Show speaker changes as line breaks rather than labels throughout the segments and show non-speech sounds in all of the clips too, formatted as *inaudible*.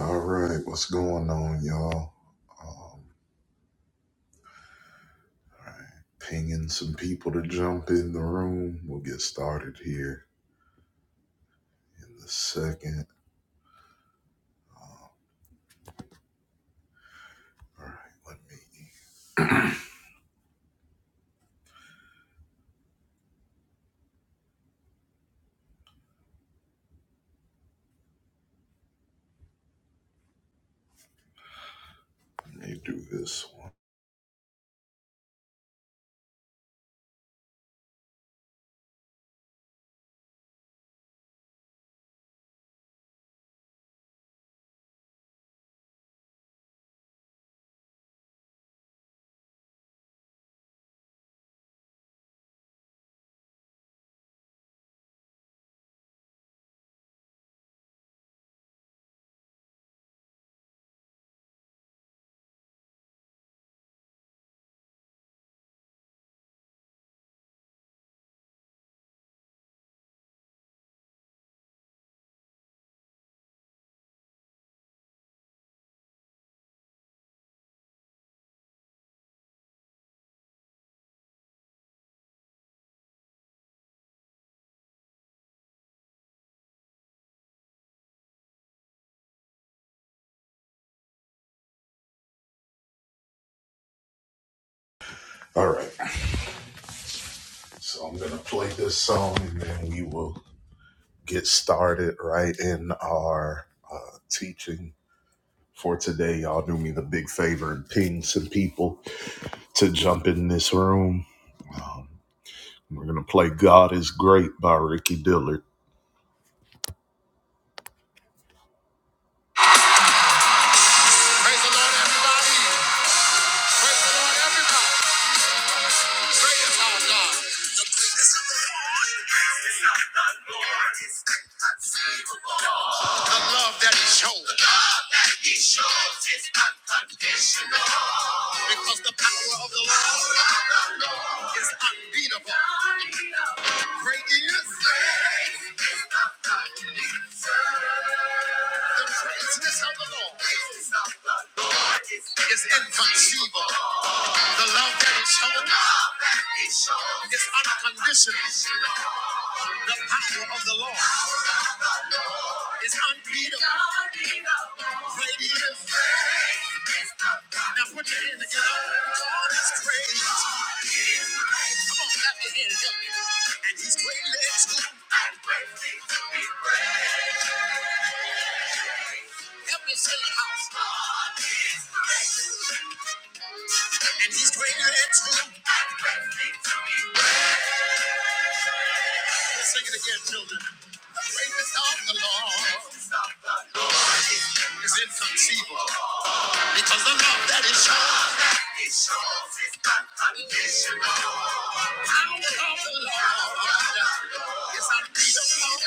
All right, what's going on, y'all? Um, all right, pinging some people to jump in the room. We'll get started here in a second. Um, all right, let me let me do this one. All right, so I'm gonna play this song and then we will get started right in our uh, teaching for today. Y'all do me the big favor and ping some people to jump in this room. We're gonna play "God Is Great" by Ricky Dillard. Praise the Lord, everybody. Praise the Lord, everybody. Great is our God. The love that He shows, The love that He shows is unconditional. Because the power of the Lord the Lord is unbeatable. Great is. Great is The goodness. The greatness of the Lord Greatness of the Lord is inconceivable. The love that is shown is unconditional. The power of the Lord is unbeatable. Great is. Now put your hand together. Oh, God is great. Come on, clap your hands. Help me. And he's greatly to be praised. Help me say it out. And he's greater than two. Let's sing it again, children. Greatness of the Lord is inconceivable. Because the love that is shown. is unconditional. The Power of the Lord is unbeatable.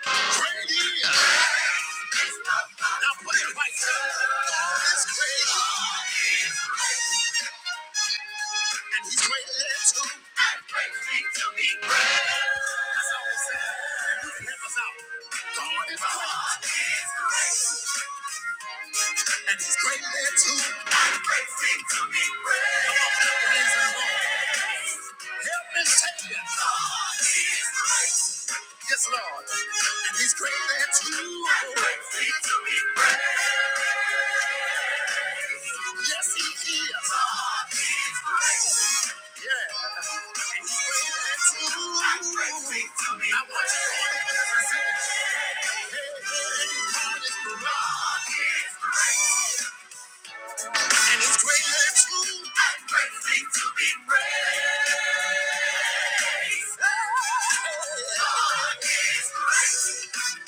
Great is. Now put it right. there. God is great and he's great, greatly to and greatly to be praised. That's all we say. And you can help us out. God is great, and he's great, greatly to and greatly to be praised. Come on, put your hands in the room. Help me say it. God is great. Yes, Lord. And he's greatly to greatly to be praised. Yes, he is. God is great. Yeah. And he's greatly to greatly to be praised. I want you all to listen. Hey, hey, God is great. God is great and His greatly to and greatly to be praised. God is great.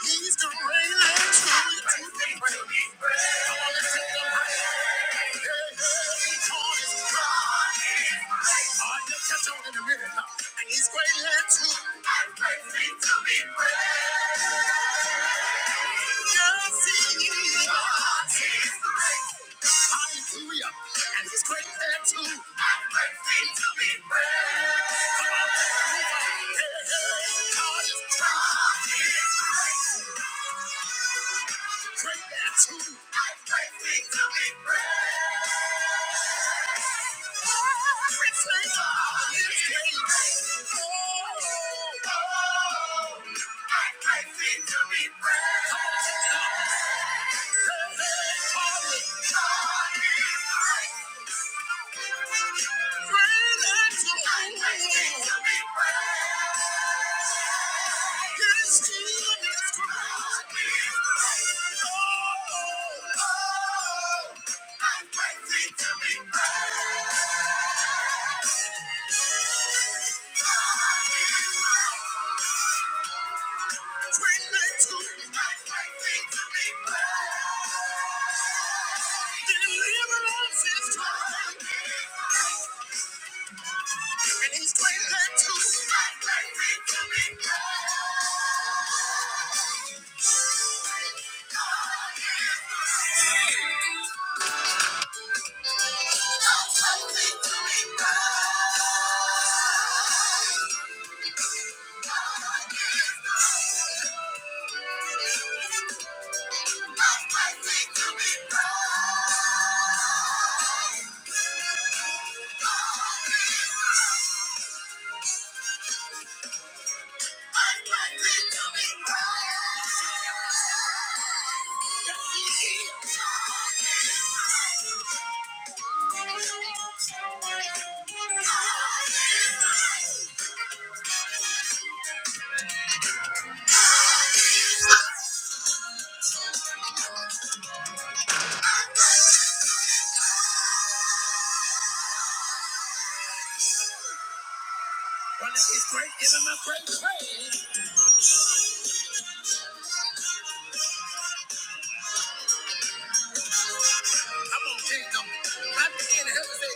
He's the great and true and greatly to be praised. Come on, let's sing it out. God is great. Oh, you'll catch on in a minute, huh? And He's greatly to and greatly to be praised. Hallelujah. And he's great there too. I'm great to be praised. Come on, God is great. Great there too. I'm great to be praised. Prince, of God is great. Oh, oh, oh. And he's great led to I'm fighting to be free. I'm fighting to be free. *laughs* I'm gonna say,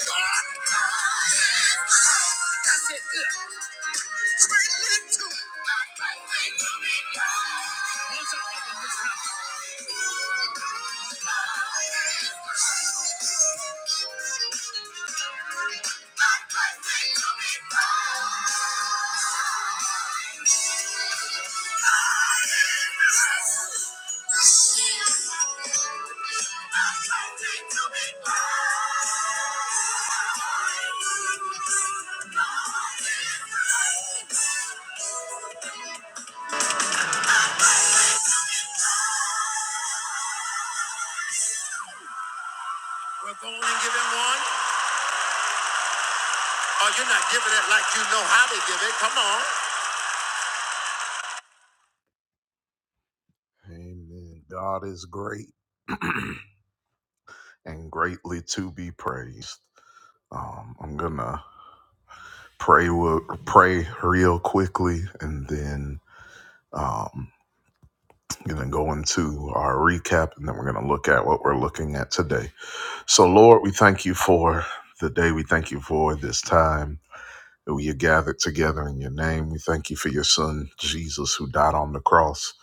that's it, good. Cradle into it. Once I open this mouth, well, go on and give him one. Oh, you're not giving it like you know how to give it. Come on. Amen. God is great and greatly to be praised. Um, I'm gonna pray wo- pray real quickly, and then um, going to go into our recap, and then we're going to look at what we're looking at today. So, Lord, we thank you for the day. We thank you for this time that we are gathered together in your name. We thank you for your son, Jesus, who died on the cross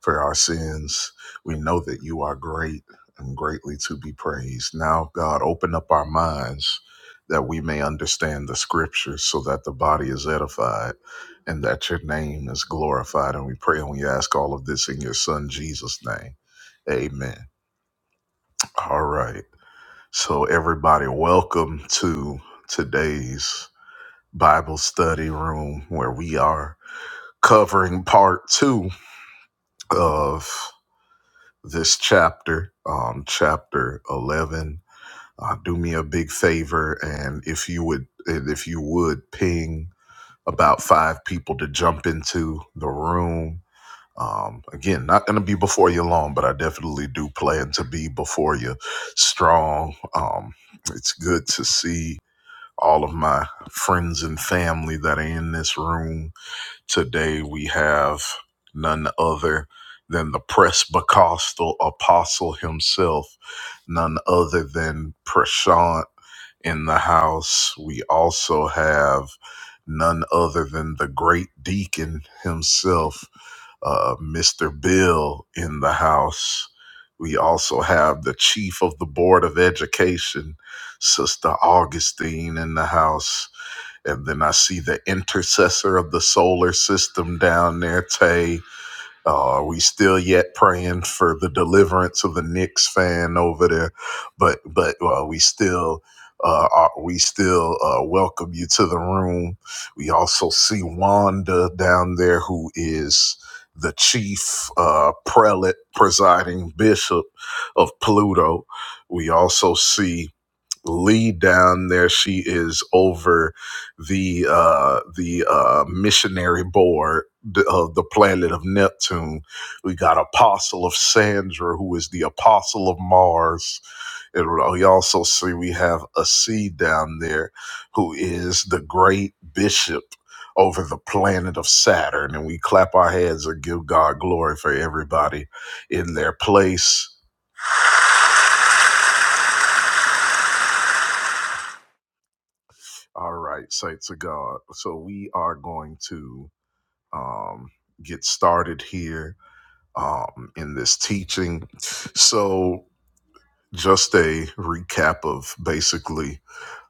for our sins. We know that you are great and greatly to be praised. Now, God, open up our minds that we may understand the scriptures so that the body is edified and that your name is glorified. And we pray and we ask all of this in your son, Jesus' name. Amen. All right. So, everybody, welcome to today's Bible study room where we are covering part two of this chapter, um, chapter 11. Uh, do me a big favor, and if you would, and if you would ping about five people to jump into the room. Um, again, not going to be before you long, but I definitely do plan to be before you strong. Um, it's good to see all of my friends and family that are in this room Today we have none other than the Presbycostal apostle himself, none other than Prashant in the house. We also have none other than the great deacon himself, uh, Mr. Bill, in the house. We also have the chief of the Board of Education, Sister Augustine, in the house and then I see the intercessor of the solar system down there, Tay. Uh, are we still yet praying for the deliverance of the Knicks fan over there? But but uh, we still uh, are, we still uh, welcome you to the room. We also see Wanda down there, who is the chief uh, prelate, presiding bishop of Pluto. We also see Lee down there. She is over the uh, the uh, missionary board th- of the planet of Neptune. We got Apostle of Sandra, who is the Apostle of Mars. And we also see we have a C down there, who is the great bishop over the planet of Saturn. And we clap our hands and give God glory for everybody in their place. All right, saints of God. So we are going to um, get started here um, in this teaching. So, just a recap of basically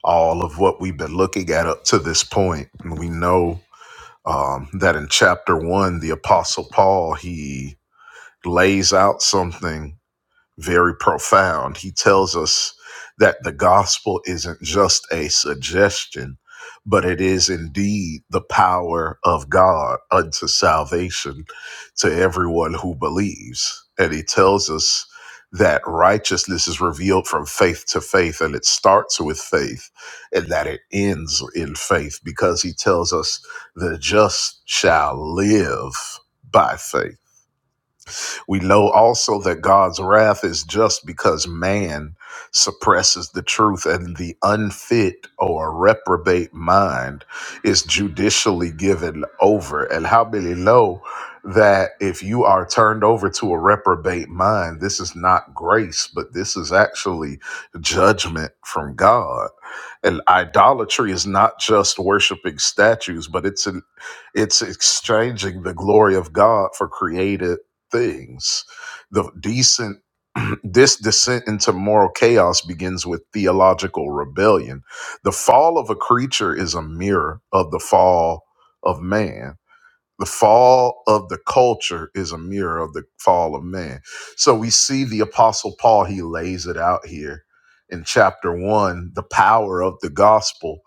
all of what we've been looking at up to this point. And we know um, that in chapter one, the Apostle Paul he lays out something very profound. He tells us that the gospel isn't just a suggestion, but it is indeed the power of God unto salvation to everyone who believes. And he tells us that righteousness is revealed from faith to faith, and it starts with faith, and that it ends in faith, because he tells us the just shall live by faith. We know also that God's wrath is just because man suppresses the truth and the unfit or reprobate mind is judicially given over. And how many know that if you are turned over to a reprobate mind, this is not grace, but this is actually judgment from God. And idolatry is not just worshiping statues, but it's an it's exchanging the glory of God for created things. The decent *clears throat* this descent into moral chaos begins with theological rebellion. The fall of a creature is a mirror of the fall of man. The fall of the culture is a mirror of the fall of man. So we see the apostle Paul, he lays it out here in chapter 1, the power of the gospel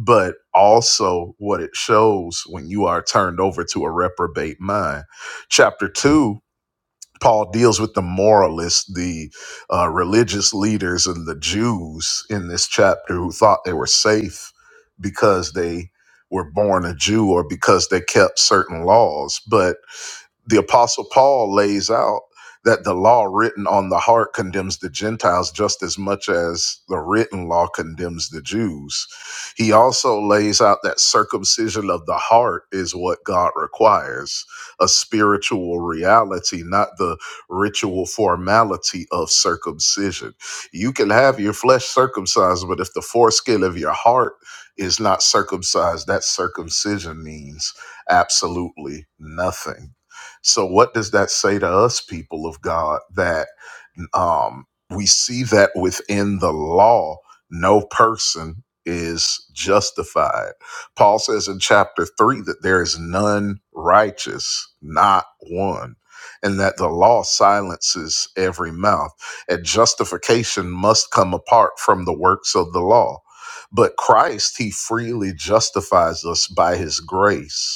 but also what it shows when you are turned over to a reprobate mind. Chapter 2 Paul deals with the moralists, the uh, religious leaders, and the Jews in this chapter who thought they were safe because they were born a Jew or because they kept certain laws. But the apostle paul lays out that the law written on the heart condemns the gentiles just as much as the written law condemns the jews he also lays out that circumcision of the heart is what god requires a spiritual reality not the ritual formality of circumcision you can have your flesh circumcised but if the foreskin of your heart is not circumcised that circumcision means absolutely nothing so, what does that say to us, people of God, that um, we see that within the law, no person is justified? Paul says in chapter three that there is none righteous, not one. And that the law silences every mouth, and justification must come apart from the works of the law. But Christ, he freely justifies us by his grace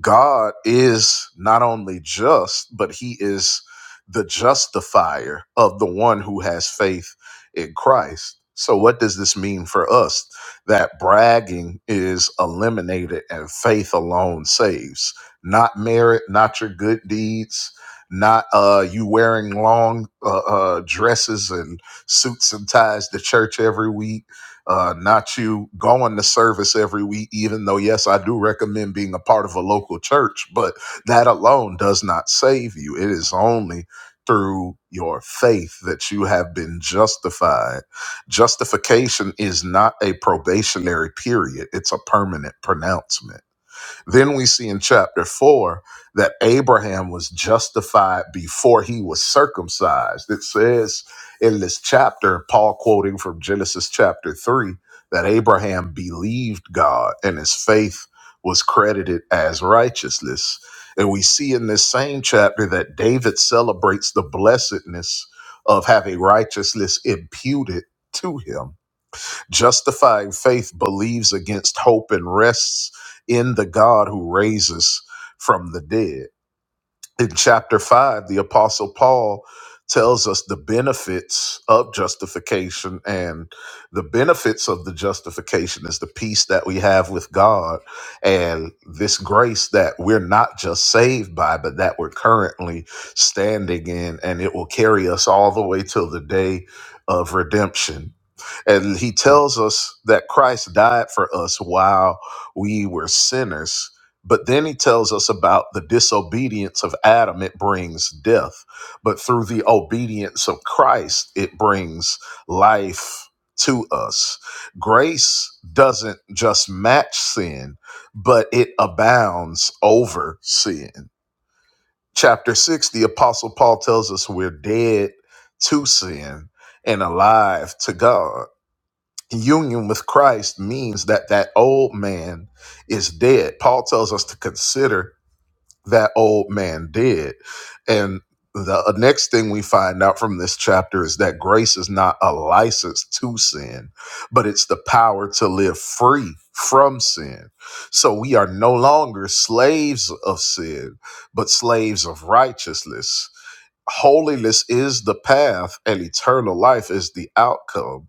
God is not only just, but he is the justifier of the one who has faith in Christ. So, what does this mean for us? That bragging is eliminated and faith alone saves. Not merit, not your good deeds, not uh, you wearing long uh, uh, dresses and suits and ties to church every week uh, not you going to service every week, even though, yes, I do recommend being a part of a local church, but that alone does not save you. It is only through your faith that you have been justified. Justification is not a probationary period, it's a permanent pronouncement. Then we see in chapter 4 that Abraham was justified before he was circumcised. It says in this chapter, Paul quoting from Genesis chapter 3, that Abraham believed God and his faith was credited as righteousness. And we see in this same chapter that David celebrates the blessedness of having righteousness imputed to him Justifying faith believes against hope and rests in the God who raises from the dead. In chapter 5, the Apostle Paul tells us the benefits of justification, and the benefits of the justification is the peace that we have with God and this grace that we're not just saved by, but that we're currently standing in, and it will carry us all the way till the day of redemption and he tells us that Christ died for us while we were sinners. But then he tells us about the disobedience of Adam, it brings death. But through the obedience of Christ, it brings life to us. Grace doesn't just match sin, but it abounds over sin. Chapter 6, the Apostle Paul tells us we're dead to sin and alive to God union with Christ means that that old man is dead. Paul tells us to consider that old man dead. And the uh, next thing we find out from this chapter is that grace is not a license to sin, but it's the power to live free from sin. So we are no longer slaves of sin, but slaves of righteousness holiness is the path and eternal life is the outcome.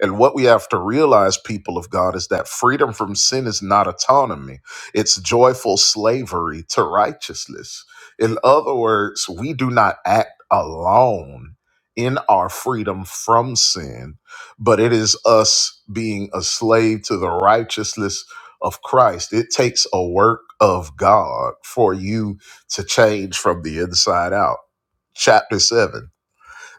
And what we have to realize, people of God, is that freedom from sin is not autonomy, it's joyful slavery to righteousness. In other words, we do not act alone in our freedom from sin, but it is us being a slave to the righteousness of Christ. It takes a work of God for you to change from the inside out chapter 7.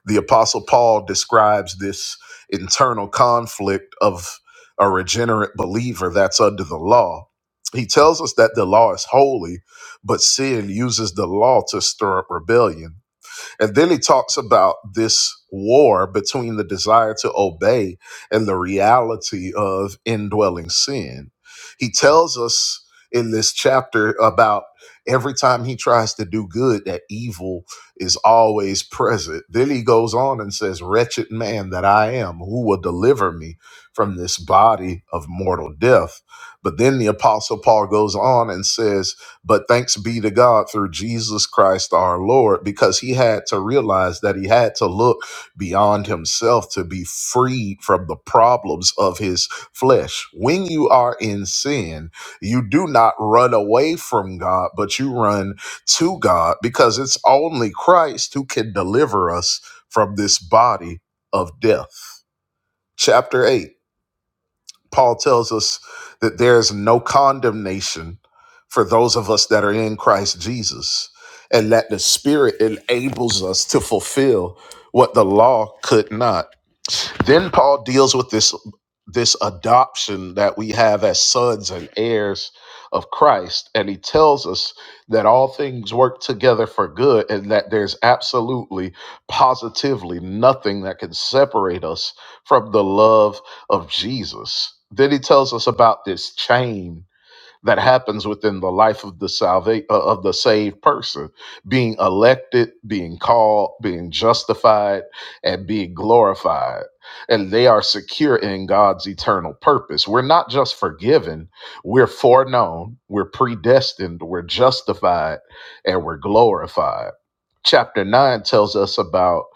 The Apostle Paul describes this internal conflict of a regenerate believer that's under the law. He tells us that the law is holy, but sin uses the law to stir up rebellion. And then he talks about this war between the desire to obey and the reality of indwelling sin. He tells us in this chapter about every time he tries to do good, that evil is always present. Then he goes on and says, Wretched man that I am, who will deliver me from this body of mortal death? But then the Apostle Paul goes on and says, but thanks be to God through Jesus Christ our Lord, because he had to realize that he had to look beyond himself to be freed from the problems of his flesh. When you are in sin, you do not run away from God, but you run to God because it's only Christ who can deliver us from this body of death. Chapter 8 Paul tells us that there is no condemnation for those of us that are in Christ Jesus, and that the Spirit enables us to fulfill what the law could not. Then Paul deals with this this adoption that we have as sons and heirs of Christ and he tells us that all things work together for good and that there's absolutely positively nothing that can separate us from the love of Jesus. Then he tells us about this chain that happens within the life of the salva- uh, of the saved person being elected being called being justified and being glorified and they are secure in God's eternal purpose we're not just forgiven we're foreknown we're predestined we're justified and we're glorified chapter 9 tells us about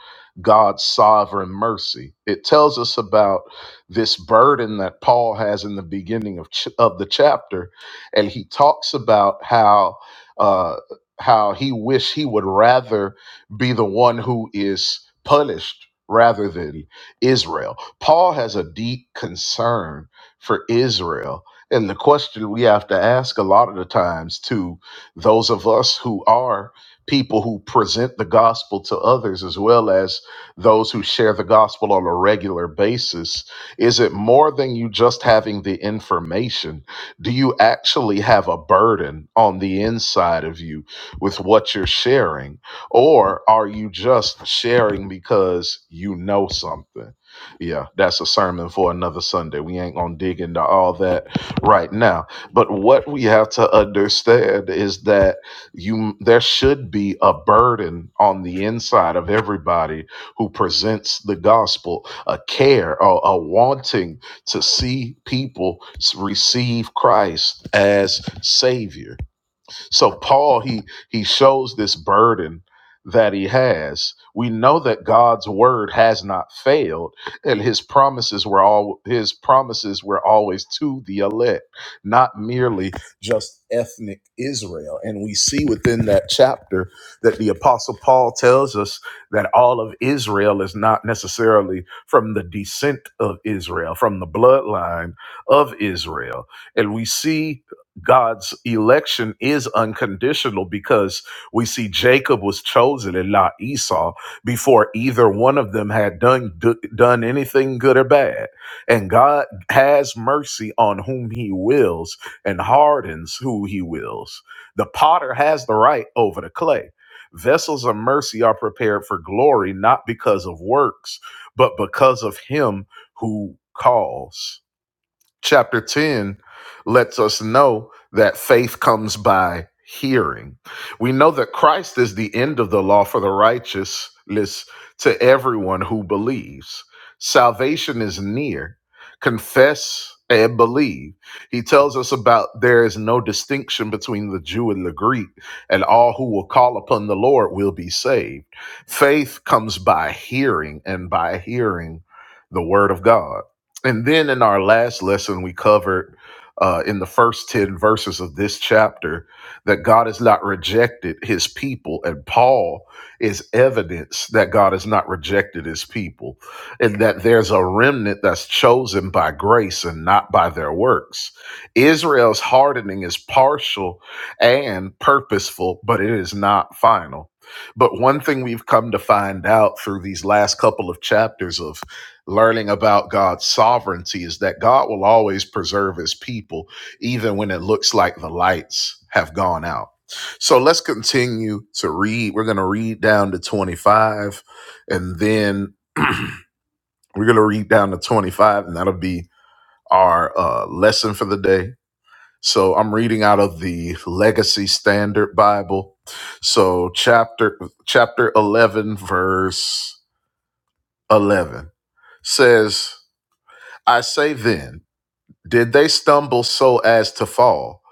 God's sovereign mercy. It tells us about this burden that Paul has in the beginning of ch- of the chapter and he talks about how uh how he wish he would rather be the one who is punished rather than Israel. Paul has a deep concern for Israel. And the question we have to ask a lot of the times to those of us who are people who present the gospel to others as well as those who share the gospel on a regular basis is it more than you just having the information do you actually have a burden on the inside of you with what you're sharing or are you just sharing because you know something yeah that's a sermon for another sunday we ain't gonna dig into all that right now but what we have to understand is that you there should be a burden on the inside of everybody who presents the gospel a care a, a wanting to see people s- receive christ as savior so Paul he he shows this burden that he has. We know that God's word has not failed and his promises were all his promises were always to the elect, not merely just ethnic Israel. And we see within that chapter that the apostle Paul tells us that all of Israel is not necessarily from the descent of Israel, from the bloodline of Israel. And we see God's election is unconditional because we see Jacob was chosen and not Esau before either one of them had done do- done anything good or bad. And God has mercy on whom he wills and hardens who he wills. The potter has the right over the clay. Vessels of mercy are prepared for glory not because of works, but because of him who calls chapter 10 lets us know that faith comes by hearing. We know that Christ is the end of the law for the righteous list to everyone who believes. Salvation is near. Confess and believe. He tells us about there is no distinction between the Jew and the Greek, and all who will call upon the Lord will be saved. Faith comes by hearing, and by hearing the word of God. And then in our last lesson, we covered uh, in the first 10 verses of this chapter that God has not rejected his people. And Paul is evidence that God has not rejected his people and that there's a remnant that's chosen by grace and not by their works. Israel's hardening is partial and purposeful, but it is not final. But one thing we've come to find out through these last couple of chapters of learning about God's sovereignty is that God will always preserve his people, even when it looks like the lights have gone out. So let's continue to read. We're going to read down to 25, and then *clears throat* we're going to read down to 25, and that'll be our uh, lesson for the day. So I'm reading out of the Legacy Standard Bible. So chapter chapter 11 verse 11 says, "I say then, Did they stumble so as to fall?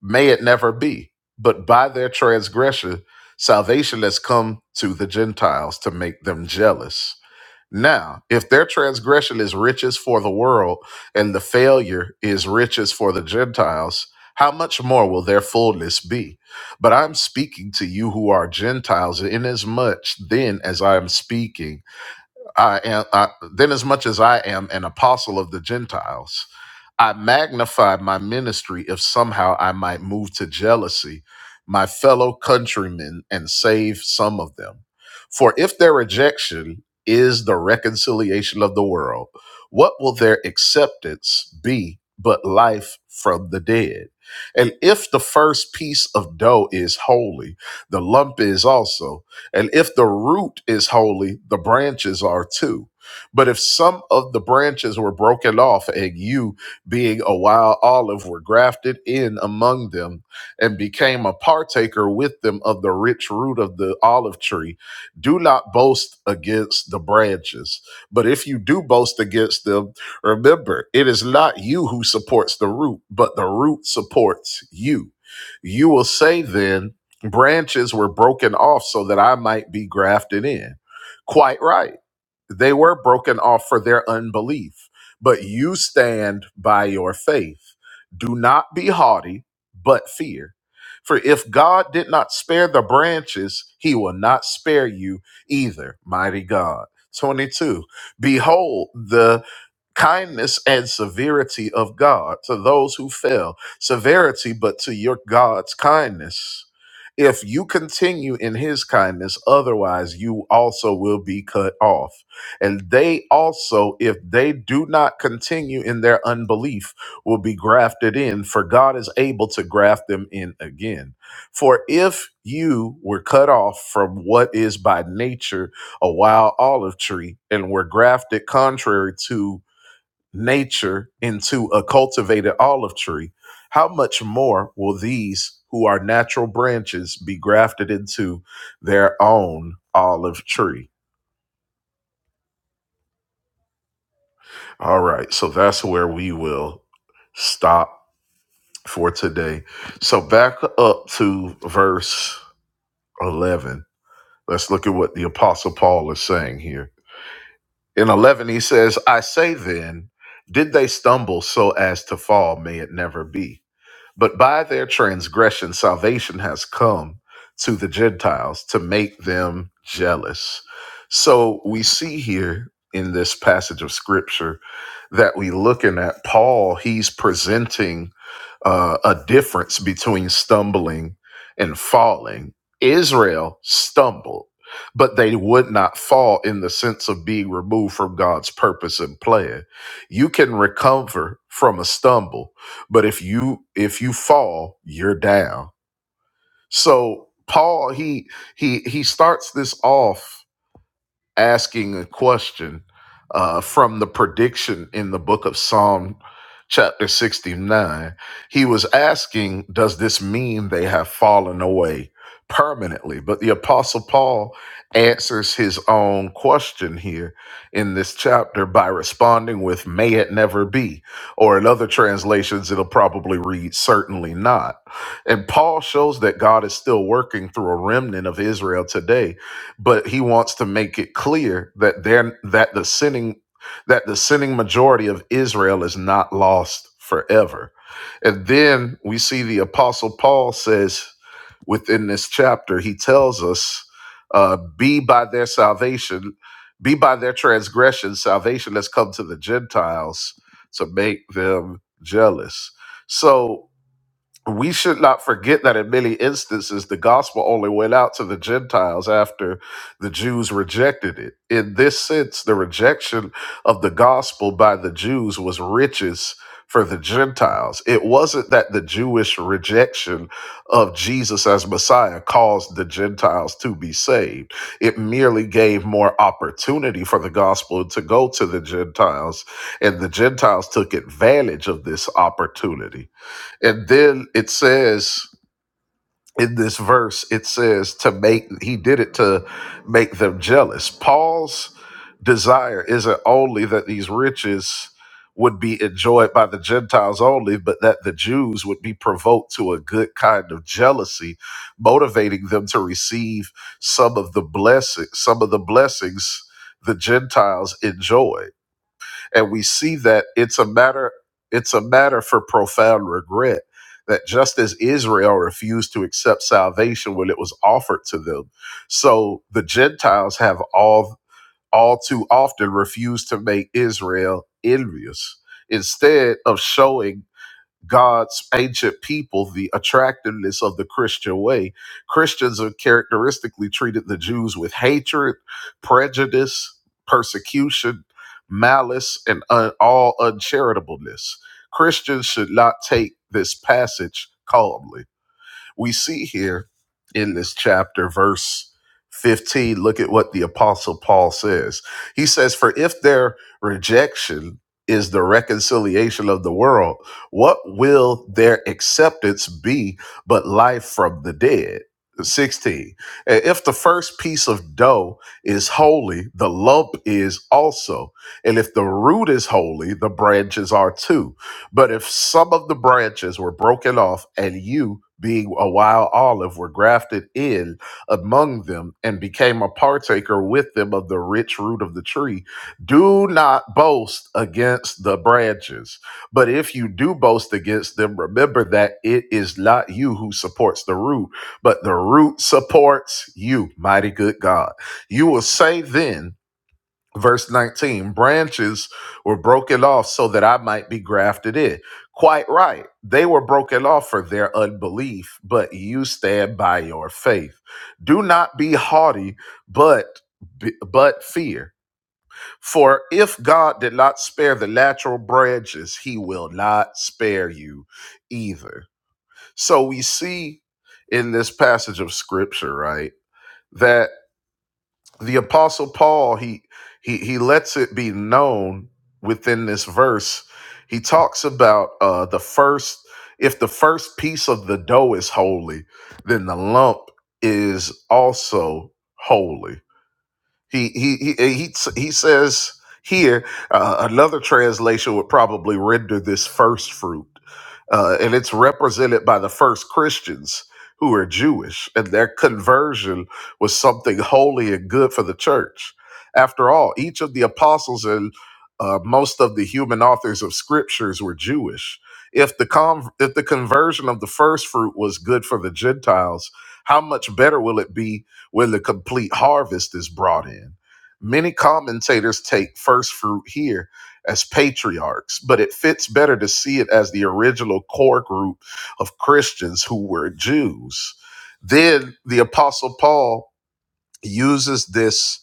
May it never be. But by their transgression, salvation has come to the Gentiles to make them jealous. Now, if their transgression is riches for the world and the failure is riches for the Gentiles, how much more will their fullness be? But I'm speaking to you who are Gentiles, inasmuch then as I am speaking I am I, then as much as I am an apostle of the Gentiles, I magnify my ministry if somehow I might move to jealousy my fellow countrymen and save some of them. For if their rejection is the reconciliation of the world, what will their acceptance be but life from the dead? And if the first piece of dough is holy, the lump is also and if the root is holy, the branches are too. But if some of the branches were broken off, and you, being a wild olive, were grafted in among them and became a partaker with them of the rich root of the olive tree, do not boast against the branches. But if you do boast against them, remember it is not you who supports the root, but the root supports you. You will say then, branches were broken off so that I might be grafted in. Quite right. They were broken off for their unbelief, but you stand by your faith. Do not be haughty, but fear. For if God did not spare the branches, he will not spare you either, mighty God. 22. Behold, the kindness and severity of God to those who fell, severity, but to your God's kindness if you continue in his kindness, otherwise you also will be cut off. And they also, if they do not continue in their unbelief, will be grafted in, for God is able to graft them in again. For if you were cut off from what is by nature a wild olive tree and were grafted contrary to nature into a cultivated olive tree, how much more will these who are natural branches be grafted into their own olive tree? All right, so that's where we will stop for today. So back up to verse 11. Let's look at what the Apostle Paul is saying here. In 11, he says, I say then, did they stumble so as to fall? May it never be. But by their transgression, salvation has come to the Gentiles to make them jealous. So we see here in this passage of scripture that we looking at Paul, he's presenting uh, a difference between stumbling and falling. Israel stumbled, but they would not fall in the sense of being removed from God's purpose and plan. You can recover from a stumble but if you if you fall you're down so paul he he he starts this off asking a question uh, from the prediction in the book of Psalm, chapter 69. He was asking, Does this mean they have fallen away permanently? But the Apostle Paul answers his own question here in this chapter by responding with, May it never be. Or in other translations, it'll probably read, Certainly not. And Paul shows that God is still working through a remnant of Israel today but he wants to make it clear that they're that the sinning that the sinning majority of Israel is not lost forever. And then we see the apostle Paul says within this chapter, he tells us, uh, be by their salvation, be by their transgression, salvation has come to the Gentiles to make them jealous. So we should not forget that in many instances the gospel only went out to the gentiles after the jews rejected it in this sense the rejection of the gospel by the jews was riches for the gentiles it wasn't that the jewish rejection of jesus as messiah caused the gentiles to be saved it merely gave more opportunity for the gospel to go to the gentiles and the gentiles took advantage of this opportunity and then it says in this verse, it says to make, he did it to make them jealous. Paul's desire isn't only that these riches would be enjoyed by the Gentiles only, but that the Jews would be provoked to a good kind of jealousy, motivating them to receive some of the blessings, some of the blessings the Gentiles enjoyed and we see that it's a matter it's a matter for profound regret that just as Israel refused to accept salvation when it was offered to them, so the Gentiles have all all too often refused to make Israel envious instead of showing God's ancient people the attractiveness of the Christian way. Christians have characteristically treated the Jews with hatred, prejudice, persecution, malice, and un- all uncharitableness. Christians should not take this passage calmly we see here in this chapter, verse 15, look at what the Apostle Paul says. He says, For if their rejection is the reconciliation of the world, what will their acceptance be but life from the dead? 16. And if the first piece of dough is holy, the lump is also. And if the root is holy, the branches are too. But if some of the branches were broken off, and you, being a wild olive, were grafted in among them and became a partaker with them of the rich root of the tree, do not boast against the branches. But if you do boast against them, remember that it is not you who supports the root, but the root supports you. Mighty good God. You will say then, Verse 19 branches were broken off so that I might be grafted in. Quite right. They were broken off for their unbelief, but you stand by your faith. Do not be haughty, but but fear. For if God did not spare the natural branches, he will not spare you either. So we see in this passage of scripture, right, that the apostle paul he he he lets it be known within this verse he talks about uh the first if the first piece of the dough is holy then the lump is also holy he he he eh, he, he says here uh, another translation would probably render this first fruit, uh, and it's represented by the first Christians who are Jewish, and their conversion was something holy and good for the church. After all, each of the apostles and uh, most of the human authors of scriptures were Jewish. If the con- if the conversion of the first fruit was good for the Gentiles, how much better will it be? when the complete harvest is brought in. Many commentators take first fruit here as patriarchs, but it fits better to see it as the original core group of Christians who were Jews. Then the Apostle Paul uses this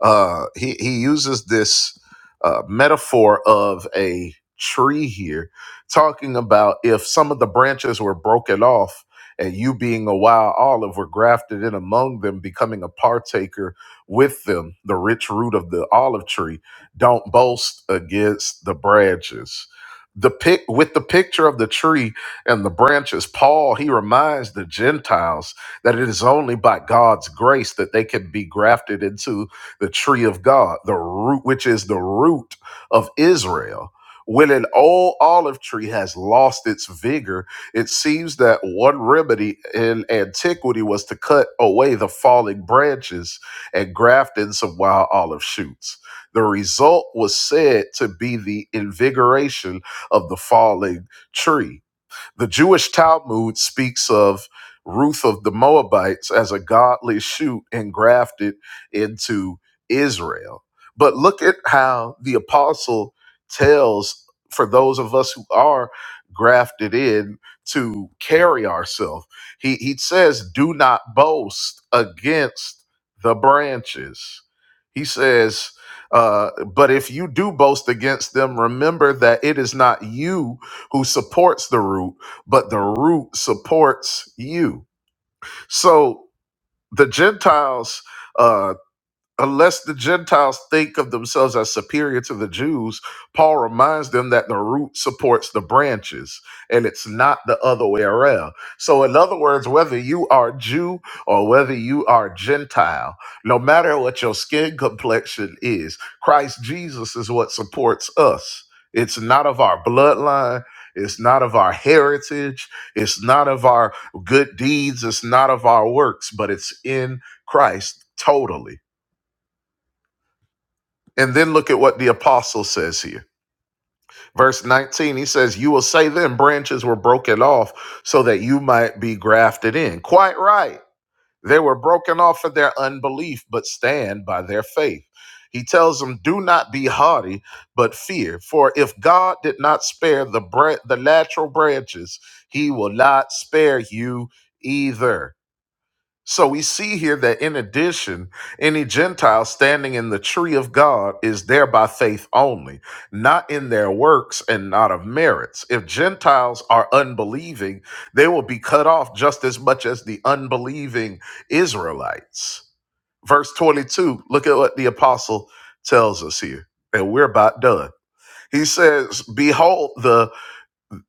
uh he he uses this uh metaphor of a tree here talking about if some of the branches were broken off and you being a wild olive were grafted in among them becoming a partaker with them the rich root of the olive tree don't boast against the branches the pic with the picture of the tree and the branches paul he reminds the gentiles that it is only by God's grace that they can be grafted into the tree of God, the root, which is the root of Israel. When an old olive tree has lost its vigor, it seems that one remedy in antiquity was to cut away the falling branches and graft in some wild olive shoots. The result was said to be the invigoration of the falling tree the Jewish Talmud speaks of Ruth of the Moabites as a godly shoot engrafted into Israel. But look at how the apostle tells for those of us who are grafted in to carry ourselves. He he says, "Do not boast against the branches." He says, uh, "But if you do boast against them, remember that it is not you who supports the root." but the root supports you. So the Gentiles, uh, unless the Gentiles think of themselves as superior to the Jews, Paul reminds them that the root supports the branches and it's not the other way around. So, in other words, whether you are Jew or whether you are Gentile, no matter what your skin complexion is, Christ Jesus is what supports us. It's not of our bloodline. It's not of our heritage. It's not of our good deeds. It's not of our works, but it's in Christ totally. And then look at what the apostle says here. Verse 19, he says, You will say then branches were broken off so that you might be grafted in. Quite right. They were broken off for their unbelief, but stand by their faith. He tells them, Do not be haughty, but fear. For if God did not spare the, bre- the natural branches, he will not spare you either. So we see here that in addition, any Gentile standing in the tree of God is there by faith only, not in their works and not of merits. If Gentiles are unbelieving, they will be cut off just as much as the unbelieving Israelites. Verse 22, look at what the apostle tells us here, and we're about done. He says, Behold, the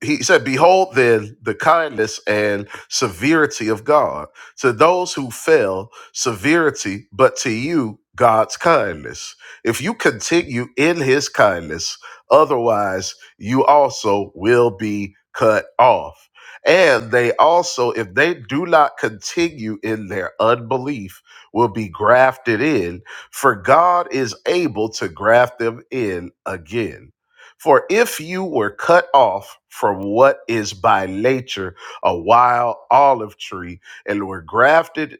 he said, Behold then the kindness and severity of God. To those who fell, severity, but to you, God's kindness. If you continue in his kindness, otherwise you also will be cut off. And they also, if they do not continue in their unbelief, will be grafted in, for God is able to graft them in again. For if you were cut off from what is by nature a wild olive tree and were grafted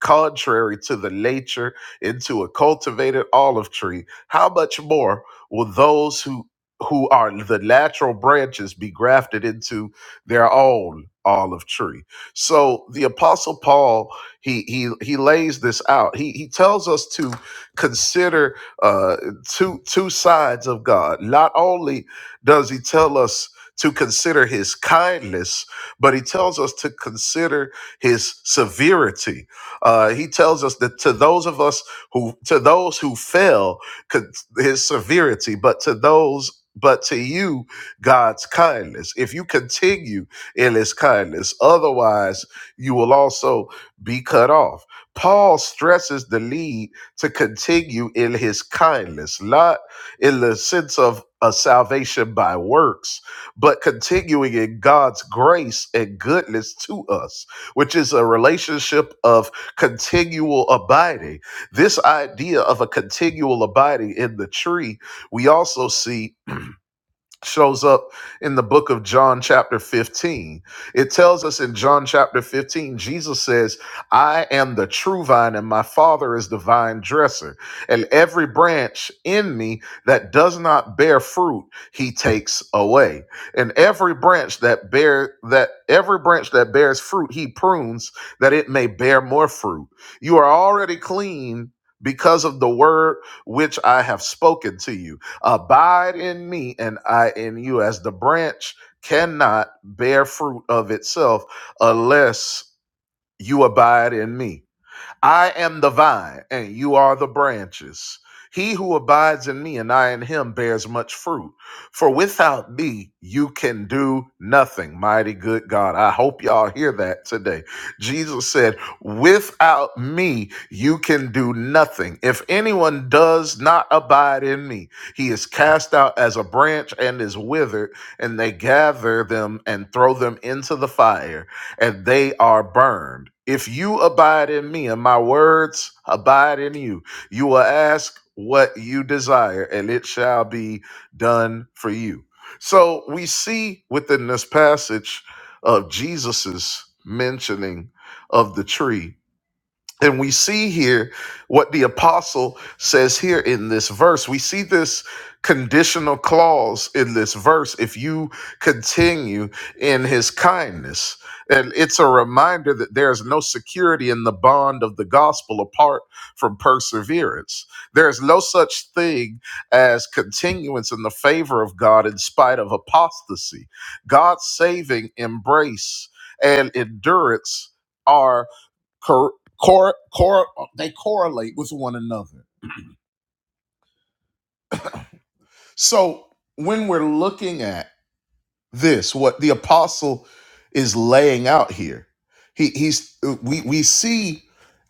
contrary to the nature into a cultivated olive tree, how much more will those who who are the natural branches be grafted into their own olive tree. So the apostle Paul he he he lays this out. He he tells us to consider uh two two sides of God. Not only does he tell us to consider his kindness, but he tells us to consider his severity. Uh, he tells us that to those of us who to those who fail, con- his severity, but to those but to you, God's kindness. If you continue in his kindness, otherwise you will also be cut off. Paul stresses the need to continue in his kindness, not in the sense of a salvation by works, but continuing in God's grace and goodness to us, which is a relationship of continual abiding. This idea of a continual abiding in the tree, we also see shows up in the book of John, chapter 15. It tells us in John, chapter 15, Jesus says, I am the true vine, and my Father is the vine dresser. And every branch in me that does not bear fruit, he takes away. And every branch that bear that every branch that bears fruit, he prunes that it may bear more fruit. You are already clean because of the word which I have spoken to you Abide in me and I in you, as the branch cannot bear fruit of itself unless you abide in me. I am the vine, and you are the branches. He who abides in me and I in him bears much fruit. For without me, you can do nothing. Mighty good God. I hope y'all hear that today. Jesus said, Without me, you can do nothing. If anyone does not abide in me, he is cast out as a branch and is withered, and they gather them and throw them into the fire and they are burned. If you abide in me and my words abide in you, you will ask what you desire and it shall be done for you. So we see within this passage of Jesus's mentioning of the tree and we see here what the apostle says here in this verse. We see this conditional clause in this verse if you continue in his kindness. And it's a reminder that there is no security in the bond of the gospel apart from perseverance. There is no such thing as continuance in the favor of God in spite of apostasy. God's saving embrace and endurance are cor- cor- cor- they correlate with one another. So when we're looking at this what the apostle is laying out here he, he's we we see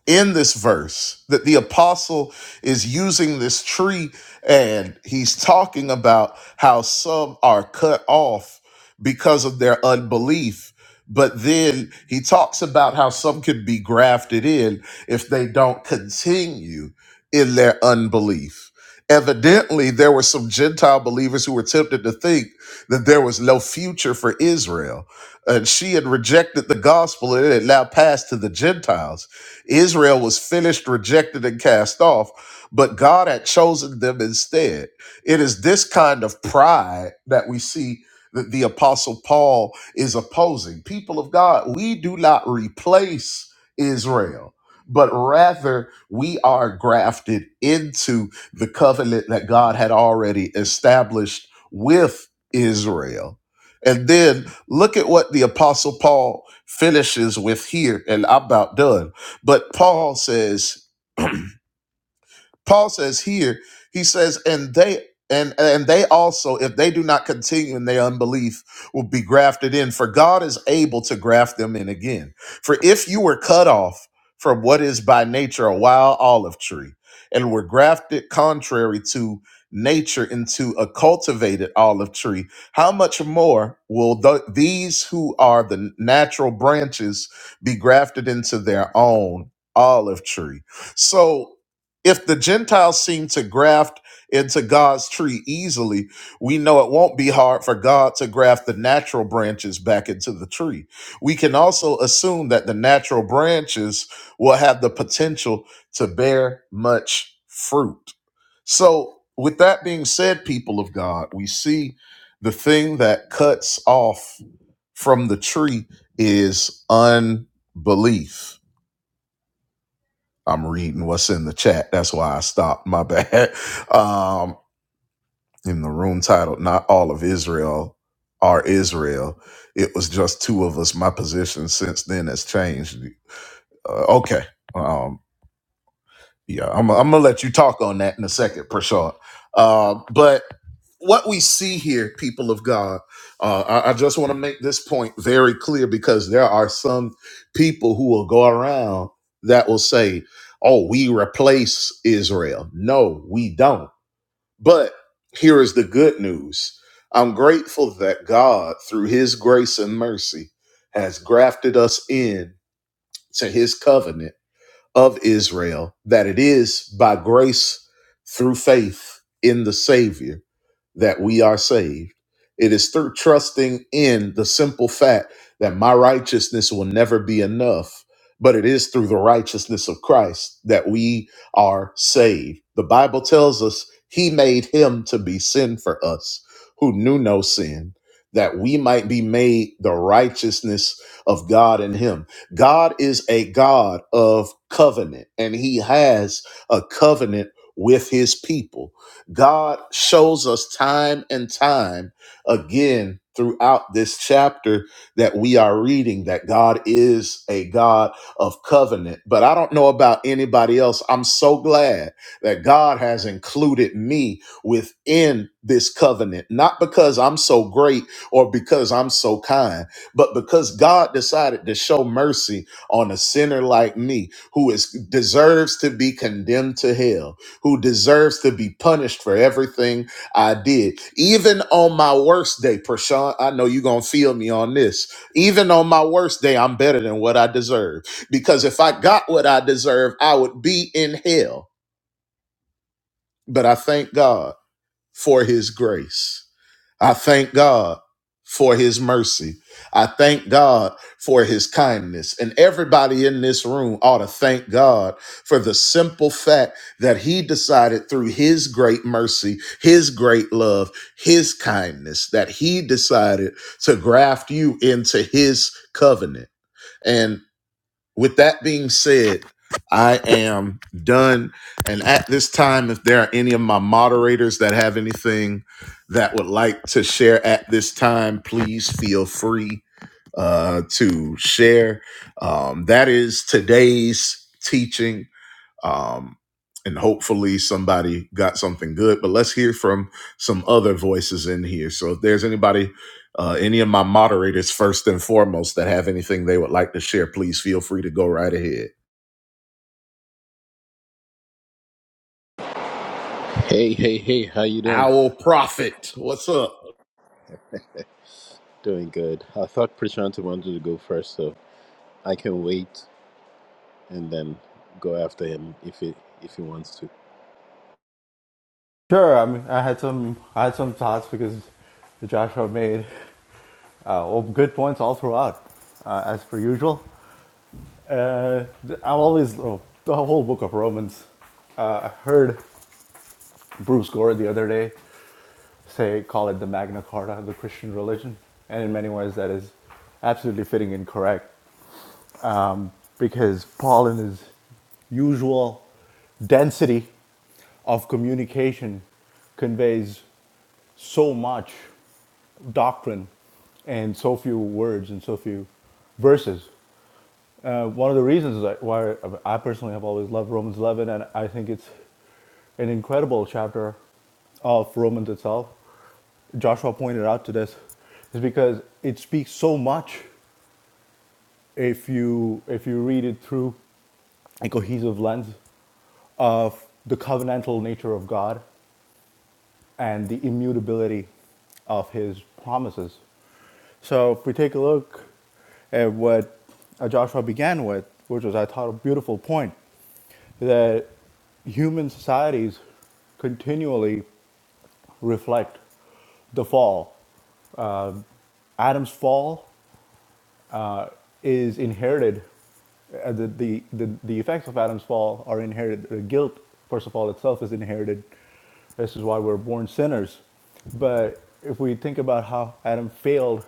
in this verse that the apostle is using this tree and he's talking about how some are cut off because of their unbelief but then he talks about how some can be grafted in if they don't continue in their unbelief evidently there were some gentile believers who were tempted to think that there was no future for Israel. And she had rejected the gospel and it had now passed to the Gentiles. Israel was finished, rejected, and cast off, but God had chosen them instead. It is this kind of pride that we see that the Apostle Paul is opposing. People of God, we do not replace Israel. But rather, we are grafted into the covenant that God had already established with Israel. And then look at what the Apostle Paul finishes with here, and I'm about done. But Paul says, Paul says here, he says, and they and and they also, if they do not continue in their unbelief, will be grafted in. For God is able to graft them in again. For if you were cut off from what is by nature a wild olive tree, and were grafted contrary to nature into a cultivated olive tree, how much more will th- these who are the natural branches be grafted into their own olive tree? So if the Gentiles seem to graft into God's tree easily, we know it won't be hard for God to graft the natural branches back into the tree. We can also assume that the natural branches will have the potential to bear much fruit. So, with that being said, people of God, we see the thing that cuts off from the tree is unbelief I'm reading what's in the chat. That's why I stopped. My bad. *laughs* Um, in the room titled Not All of Israel Are Israel. It was just two of us. My position since then has changed. Uh, okay. Um, yeah, I'm, I'm gonna let you talk on that in a second, Prashant. Uh, but what we see here, people of God, uh, I, I just want to make this point very clear because there are some people who will go around that will say, "Oh, we replace Israel." No, we don't. But here is the good news. I'm grateful that God, through His grace and mercy, has grafted us in to His covenant of Israel, that it is by grace through faith in the Savior that we are saved. It is through trusting in the simple fact that my righteousness will never be enough, but it is through the righteousness of Christ that we are saved. The Bible tells us he made him to be sin for us who knew no sin, that we might be made the righteousness of God in him God is a God of covenant, and He has a covenant with His people. God shows us time and time again throughout this chapter that we are reading that God is a God of covenant. But I don't know about anybody else. I'm so glad that God has included me within this covenant, not because I'm so great or because I'm so kind but because God decided to show mercy on a sinner like me, who is deserves to be condemned to hell, who deserves to be punished for everything I did, even on my worst day, Prashant, I know you're gonna feel me on this. Even on my worst day, I'm better than what I deserve. Because if I got what I deserve, I would be in hell. But I thank God for his grace. I thank God for his mercy. I thank God for his kindness. And everybody in this room ought to thank God for the simple fact that he decided through his great mercy, his great love, his kindness, that he decided to graft you into his covenant. and. With that being said, I am done. And at this time, if there are any of my moderators that have anything that would like to share at this time, please feel free uh, to share. Um, that is today's teaching. Um, and hopefully somebody got something good. But let's hear from some other voices in here. So if there's anybody, uh, any of my moderators, first and foremost, that have anything they would like to share, please feel free to go right ahead.
Hey, hey, hey, how you doing?
Owl Prophet, what's up?
Doing good. I thought Prashant wanted to go first, so I can wait and then go after him if he if he wants to.
Sure, I mean, I had some, I had some thoughts because Joshua made uh, well, good points all throughout, uh, as per usual. Uh, I've always oh, the whole book of Romans. Uh, I heard Bruce Gore the other day say, call it the Magna Carta, of the Christian religion, and in many ways that is absolutely fitting and correct. um, because Paul, in his usual density of communication, conveys so much doctrine and so few words and so few verses. Uh, one of the reasons that why I personally have always loved Romans 11, and I think it's an incredible chapter of Romans itself. Joshua pointed out to this is because it speaks so much if you if you read it through and cohesive lens of the covenantal nature of God and the immutability of his promises. So if we take a look at what uh, Joshua began with, which was, I thought, a beautiful point, that human societies continually reflect the fall. Adam's fall uh, is inherited. Uh, the, the, the, the effects of Adam's fall are inherited. The guilt, first of all, itself is inherited. This is why we're born sinners. But if we think about how Adam failed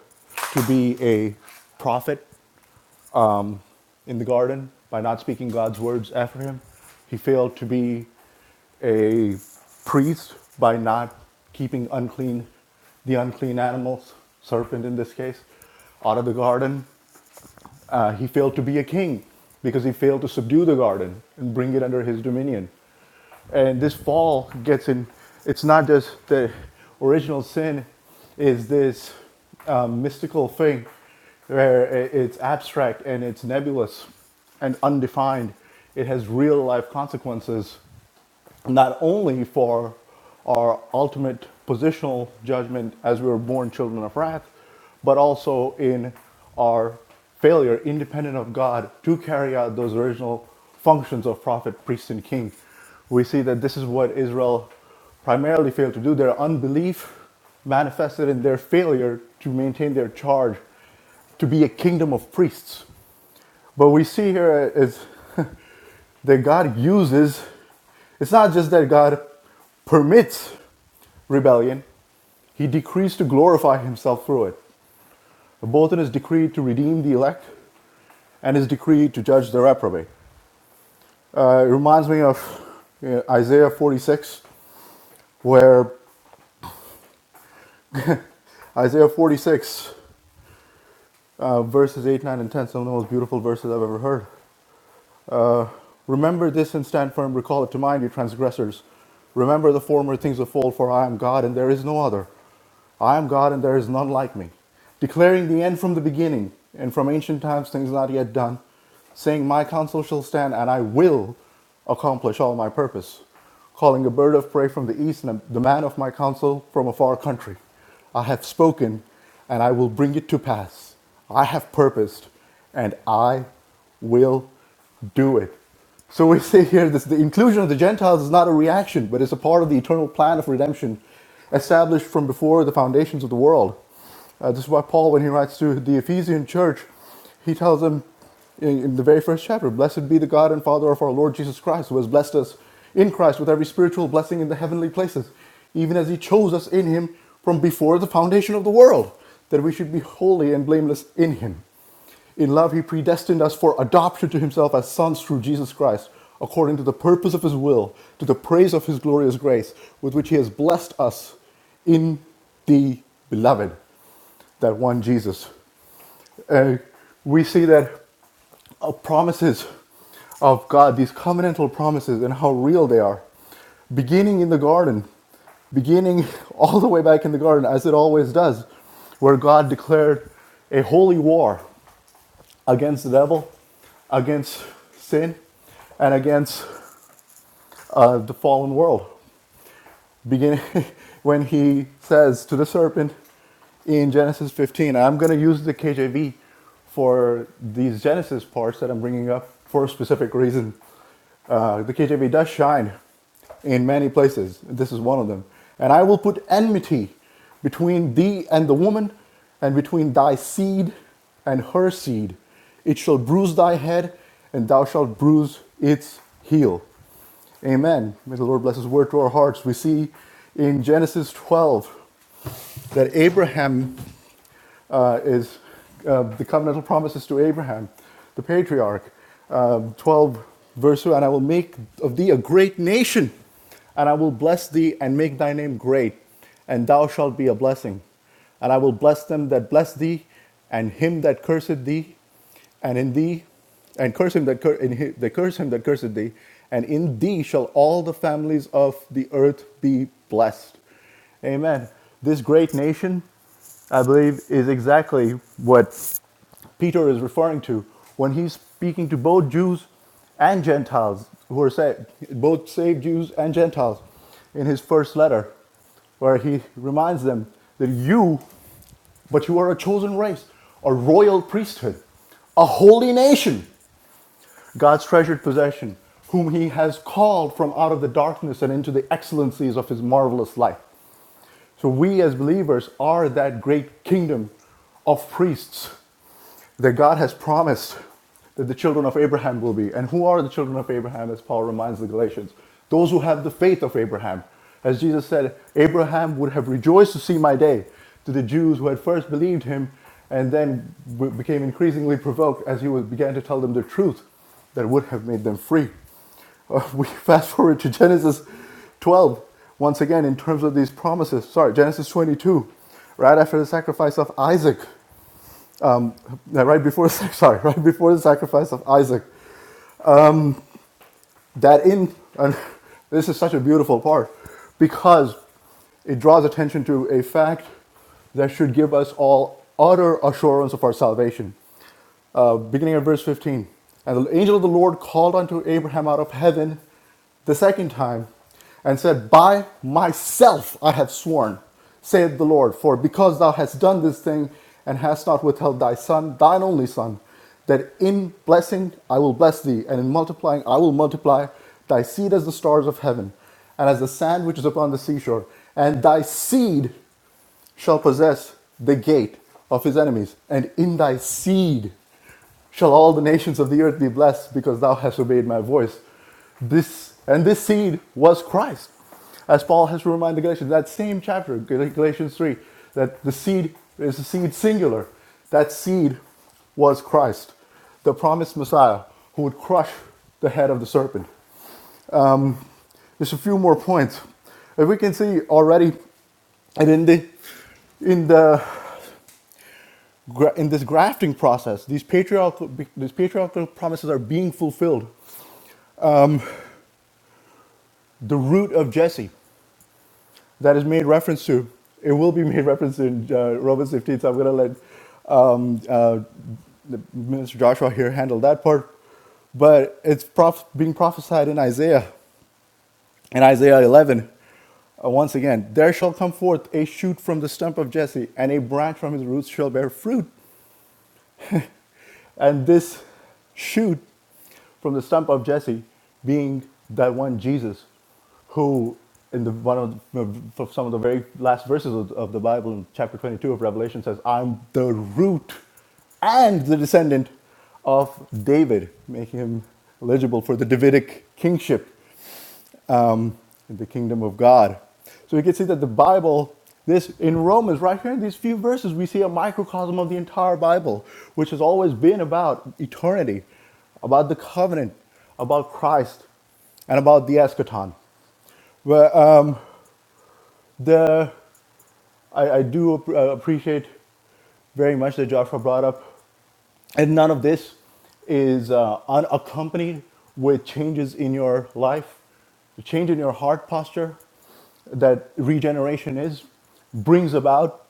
to be a prophet in the garden by not speaking God's words after him, he failed to be a priest by not keeping unclean the unclean animals serpent in this case out of the garden uh, he failed to be a king because he failed to subdue the garden and bring it under his dominion. And this fall gets in, it's not just the original sin is this um, mystical thing where it's abstract and it's nebulous and undefined. It has real life consequences not only for our ultimate positional judgment as we were born children of wrath, but also in our failure, independent of God, to carry out those original functions of prophet, priest, and king. We see that this is what Israel primarily failed to do. Their unbelief manifested in their failure to maintain their charge to be a kingdom of priests. But we see here is that God uses, it's not just that God permits rebellion, He decrees to glorify Himself through it. Both in His decree to redeem the elect and His decree to judge the reprobate. Uh, it reminds me of uh, Isaiah 46, where Isaiah 46, uh, verses 8, 9, and 10, some of the most beautiful verses I've ever heard. Remember this and stand firm. Recall it to mind, you transgressors. Remember the former things of old, for I am God and there is no other. I am God and there is none like me. Declaring the end from the beginning, and from ancient times things not yet done, saying, My counsel shall stand, and I will accomplish all my purpose. Calling a bird of prey from the east, and the man of my counsel from a far country. I have spoken, and I will bring it to pass. I have purposed, and I will do it. So we say here this the inclusion of the Gentiles is not a reaction, but it's a part of the eternal plan of redemption established from before the foundations of the world. Uh, this is why Paul, when he writes to the Ephesian church, he tells them in, in the very first chapter, Blessed be the God and Father of our Lord Jesus Christ, who has blessed us in Christ with every spiritual blessing in the heavenly places, even as he chose us in him from before the foundation of the world, that we should be holy and blameless in him. In love, he predestined us for adoption to himself as sons through Jesus Christ, according to the purpose of his will, to the praise of his glorious grace, with which he has blessed us in the beloved, that one Jesus. And we see that uh, promises of God, these covenantal promises, and how real they are, beginning in the garden, beginning *laughs* all the way back in the garden, as it always does, where God declared a holy war against the devil, against sin, and against uh, the fallen world. Beginning *laughs* when he says to the serpent in Genesis 15, I'm going to use the KJV for these Genesis parts that I'm bringing up for a specific reason. Uh, the KJV does shine in many places. This is one of them. And I will put enmity between thee and the woman, and between thy seed and her seed. It shall bruise thy head, and thou shalt bruise its heel. Amen. May the Lord bless his word to our hearts. We see in Genesis 12 that Abraham uh, is uh, the covenantal promises to Abraham, the patriarch, um, 12 verse 2, and I will make of thee a great nation, and I will bless thee and make thy name great, and thou shalt be a blessing. And I will bless them that bless thee, and him that curseth thee, and in thee, and curse him that, cur- in hi- that curse him that curseth thee, and in thee shall all the families of the earth be blessed. Amen. This great nation, I believe, is exactly what Peter is referring to when he's speaking to both Jews and Gentiles who are saved, both saved Jews and Gentiles in his first letter, where he reminds them that you, but you are a chosen race, a royal priesthood, a holy nation, God's treasured possession, whom he has called from out of the darkness and into the excellencies of his marvelous light. So we as believers are that great kingdom of priests that God has promised that the children of Abraham will be. And who are the children of Abraham, as Paul reminds the Galatians? Those who have the faith of Abraham. As Jesus said, Abraham would have rejoiced to see my day to the Jews who had first believed him and then became increasingly provoked as he began to tell them the truth that would have made them free. Uh, *laughs* we fast forward to Genesis 12, once again, in terms of these promises. Sorry, Genesis 22, right after the sacrifice of Isaac right before *laughs* sorry right before the sacrifice of Isaac that in and *laughs* this is such a beautiful part because it draws attention to a fact that should give us all utter assurance of our salvation uh, beginning at verse 15. And the angel of the Lord called unto Abraham out of heaven the second time and said, By myself I have sworn, saith the Lord, for because thou hast done this thing and hast not withheld thy son, thine only son, that in blessing I will bless thee, and in multiplying I will multiply thy seed as the stars of heaven, and as the sand which is upon the seashore, and thy seed shall possess the gate of his enemies, and in thy seed shall all the nations of the earth be blessed, because thou hast obeyed my voice. This and this seed was Christ, as Paul has to remind the Galatians that same chapter, Galatians three, that the seed is a seed singular. That seed was Christ, the promised Messiah, who would crush the head of the serpent. Just a few more points. If we can see already and in the in the in this grafting process, these patriarchal, these patriarchal promises are being fulfilled. The root of Jesse that is made reference to, it will be *laughs* made reference to in uh, Romans 15, so I'm going to let Minister Joshua here handle that part. But it's prof- being prophesied in Isaiah, in Isaiah 11. Uh, once again, there shall come forth a shoot from the stump of Jesse, and a branch from his roots shall bear fruit. And this shoot from the stump of Jesse being that one Jesus who in the one of the, for some of the very last verses of, of the Bible in chapter 22 of Revelation says, "I'm the root and the descendant of David," making him eligible for the Davidic kingship um, in the kingdom of God. So we can see that the Bible, this in Romans, right here in these few verses, we see a microcosm of the entire Bible, which has always been about eternity, about the covenant, about Christ, and about the eschaton. But um, the I, I do ap- uh, appreciate very much that Joshua brought up and none of this is uh, unaccompanied with changes in your life, the change in your heart posture that regeneration is, brings about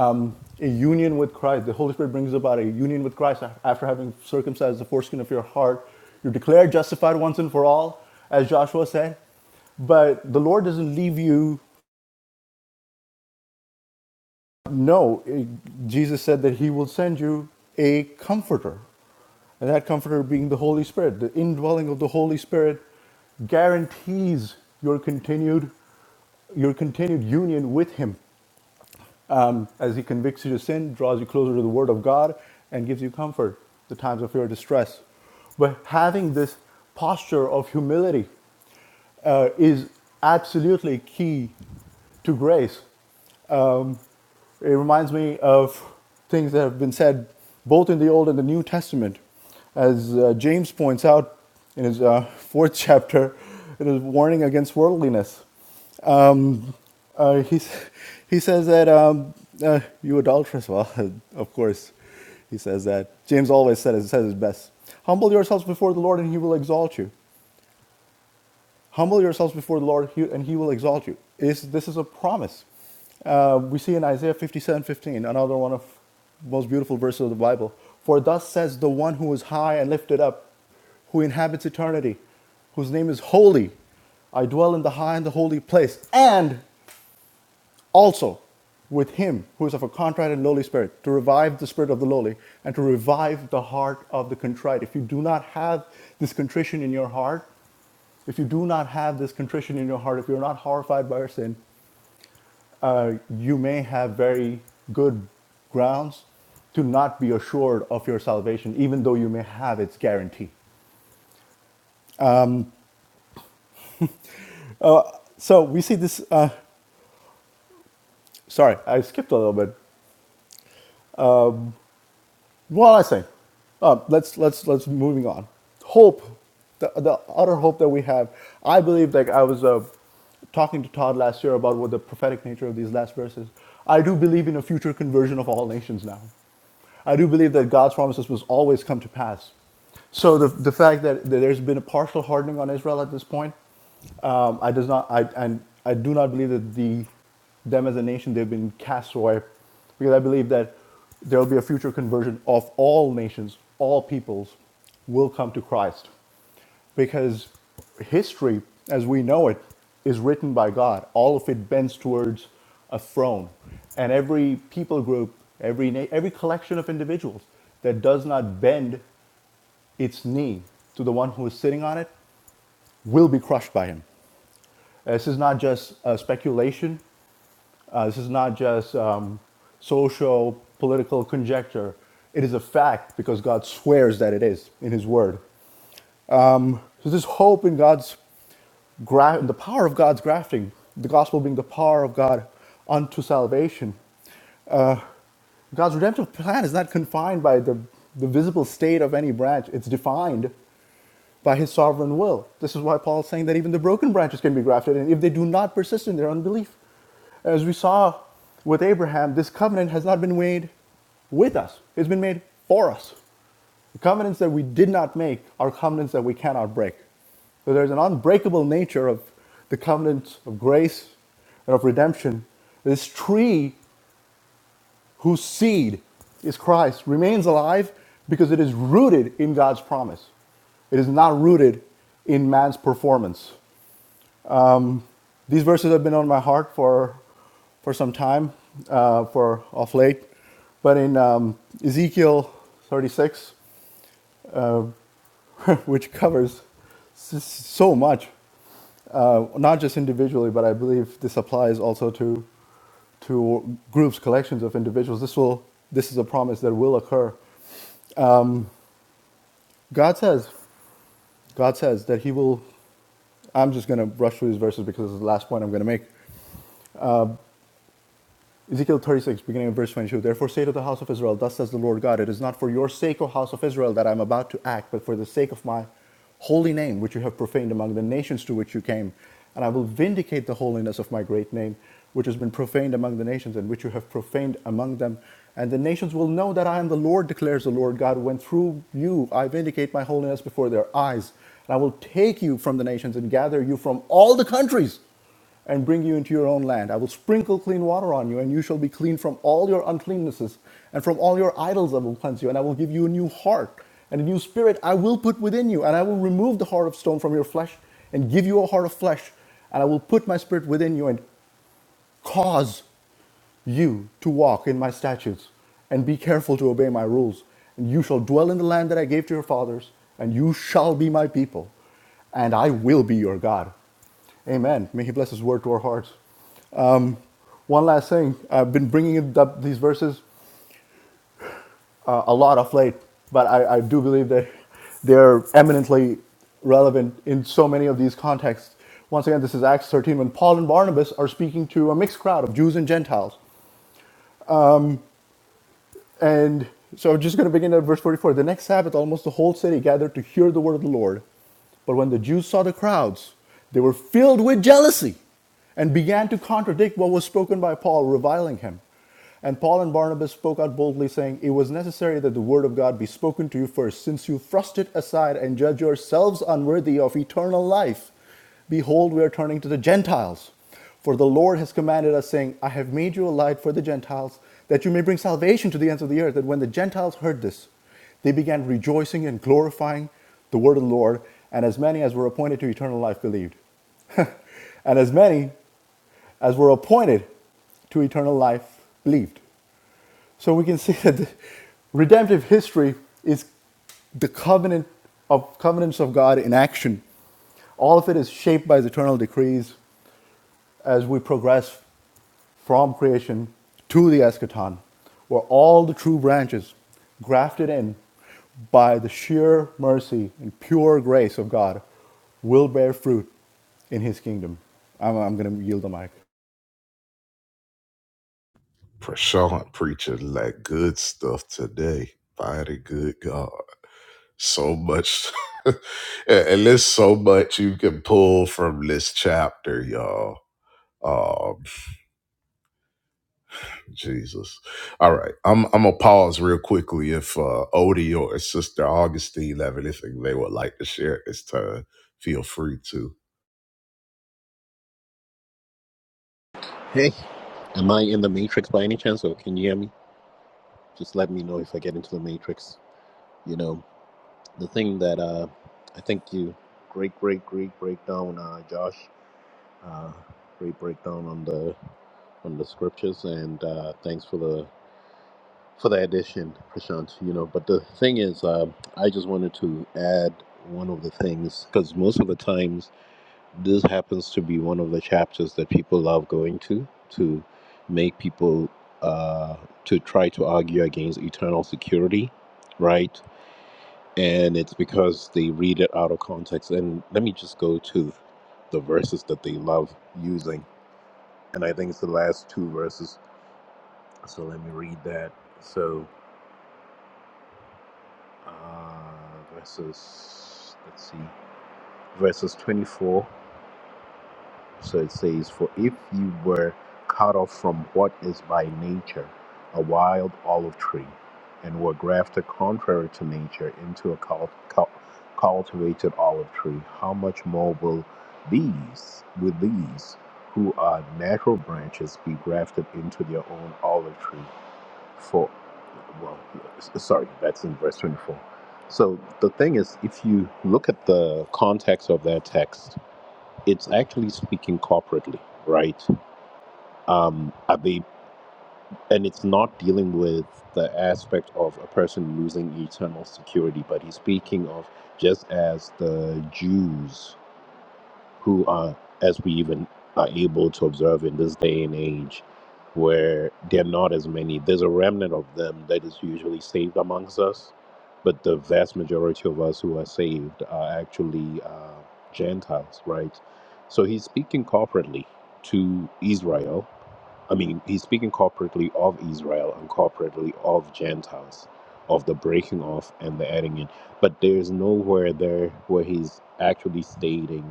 um, a union with Christ. The Holy Spirit brings about a union with Christ after having circumcised the foreskin of your heart. You're declared justified once and for all, as Joshua said. But the Lord doesn't leave you. No, Jesus said that He will send you a comforter. And that comforter being the Holy Spirit, the indwelling of the Holy Spirit guarantees your continued your continued union with him um, as he convicts you to sin, draws you closer to the word of God, and gives you comfort the times of your distress. But having this posture of humility uh, is absolutely key to grace um, it reminds me of things that have been said both in the Old and the New Testament. As uh, James points out in his uh, *laughs* fourth chapter, it is warning against worldliness. Um, uh, he, *laughs* he says that, um, uh, you adulteress, well, *laughs* of course, he says that. James always said it, says it best. Humble yourselves before the Lord and he will exalt you. Humble yourselves before the Lord, and He will exalt you. Is this is a promise? Uh, we see in Isaiah 57 15 another one of the most beautiful verses of the Bible. For thus says the one who is high and lifted up, who inhabits eternity, whose name is holy. I dwell in the high and the holy place, and also with him who is of a contrite and lowly spirit, to revive the spirit of the lowly and to revive the heart of the contrite. If you do not have this contrition in your heart, if you do not have this contrition in your heart, if you're not horrified by your sin, uh, you may have very good grounds to not be assured of your salvation, even though you may have its guarantee. So we see this. Uh, sorry, I skipped a little bit. What was I saying? Uh, let's let's let's moving on. Hope, the the utter hope that we have. I believe, like I was uh, talking to Todd last year about what the prophetic nature of these last verses. I do believe in a future conversion of all nations now. I do believe that God's promises will always come to pass. So the, the fact that, that there's been a partial hardening on Israel at this point, um, I does not I and I I do not believe that the them as a nation they've been cast away, because I believe that there will be a future conversion of all nations, all peoples, will come to Christ because history as we know it is written by god all of it bends towards a throne and every people group every na- every collection of individuals that does not bend its knee to the one who is sitting on it will be crushed by him Uh, this is not just uh, speculation uh, this is not just um, social political conjecture it is a fact because god swears that it is in his word so this hope in god's gra- the power of God's grafting, the gospel being the power of God unto salvation. God's redemptive plan is not confined by the, the visible state of any branch, it's defined by his sovereign will. This is why Paul's saying that even the broken branches can be grafted in if they do not persist in their unbelief. As we saw with Abraham, this covenant has not been made with us, it's been made for us. The covenants that we did not make are covenants that we cannot break. So there's an unbreakable nature of the covenant of grace and of redemption. This tree whose seed is Christ remains alive because it is rooted in God's promise. It is not rooted in man's performance. These verses have been on my heart for, for some time, uh, for off late. But in um, Ezekiel 36, which covers so much, uh, not just individually, but I believe this applies also to to groups, collections of individuals. This will this is a promise that will occur. God says, God says that He will. I'm just going to brush through these verses because this is the last point I'm going to make. Ezekiel 36, beginning of verse 22. Therefore say to the house of Israel, Thus says the Lord God, It is not for your sake, O house of Israel, that I am about to act, but for the sake of my holy name, which you have profaned among the nations to which you came. And I will vindicate the holiness of my great name, which has been profaned among the nations, and which you have profaned among them. And the nations will know that I am the Lord, declares the Lord God, when through you I vindicate my holiness before their eyes. And I will take you from the nations and gather you from all the countries and bring you into your own land. I will sprinkle clean water on you, and you shall be clean from all your uncleannesses, and from all your idols I will cleanse you, and I will give you a new heart, and a new spirit I will put within you, and I will remove the heart of stone from your flesh, and give you a heart of flesh, and I will put my spirit within you, and cause you to walk in my statutes and be careful to obey my rules. And you shall dwell in the land that I gave to your fathers, and you shall be my people, and I will be your God. Amen. May He bless His word to our hearts. One last thing I've been bringing up these verses uh, a lot of late, but I, I do believe that they're eminently relevant in so many of these contexts. Once again, this is Acts 13 when Paul and Barnabas are speaking to a mixed crowd of Jews and Gentiles. And so I'm just going to begin at verse 44. The next Sabbath, almost the whole city gathered to hear the word of the Lord. But when the Jews saw the crowds, they were filled with jealousy and began to contradict what was spoken by Paul, reviling him. And Paul and Barnabas spoke out boldly, saying, It was necessary that the word of God be spoken to you first, since you thrust it aside and judge yourselves unworthy of eternal life. Behold, we are turning to the Gentiles. For the Lord has commanded us, saying, I have made you a light for the Gentiles, that you may bring salvation to the ends of the earth. And when the Gentiles heard this, they began rejoicing and glorifying the word of the Lord, and as many as were appointed to eternal life believed. *laughs* and as many as were appointed to eternal life believed. So we can *laughs* see that the redemptive history is the covenant of covenants of God in action. All of it is shaped by his eternal decrees as we progress from creation to the eschaton were all the true branches grafted in by the sheer mercy and pure grace of God will bear fruit in his kingdom. I'm, I'm going to yield the mic.
Prashant preaching that good stuff today by the good God. So much, *laughs* and and there's so much you can pull from this chapter, y'all. Jesus. All right. I'm I'm gonna pause real quickly if uh Odie or Sister Augustine have anything they would like to share at this time. Feel free to.
Hey, am I in the matrix by any chance or can you hear me? Just let me know if I get into the matrix. You know, the thing that uh I think you great great great breakdown uh Josh. Uh great breakdown on the on the scriptures and uh thanks for the for the addition, Prashant. You know, but the thing is, uh, I just wanted to add one of the things because most of the times this happens to be one of the chapters that people love going to to make people uh, to try to argue against eternal security, right? And it's because they read it out of context. And let me just go to the verses that they love using. And I think it's the last two verses. So let me read that. So. uh, verses, let's see, verses 24. So it says, For if you were cut off from what is by nature a wild olive tree, and were grafted contrary to nature into a cult, cult, cultivated olive tree, how much more will these, with these who are natural branches, be grafted into their own olive tree? for well sorry that's in verse 24 so the thing is if you look at the context of that text it's actually speaking corporately right um are they and it's not dealing with the aspect of a person losing eternal security but he's speaking of just as the jews who are, as we even are able to observe in this day and age, where there are not as many. There's a remnant of them that is usually saved amongst us, but the vast majority of us who are saved are actually uh, Gentiles, right? So he's speaking corporately to Israel. I mean, he's speaking corporately of Israel and corporately of Gentiles, of the breaking off and the adding in. But there's nowhere there where he's actually stating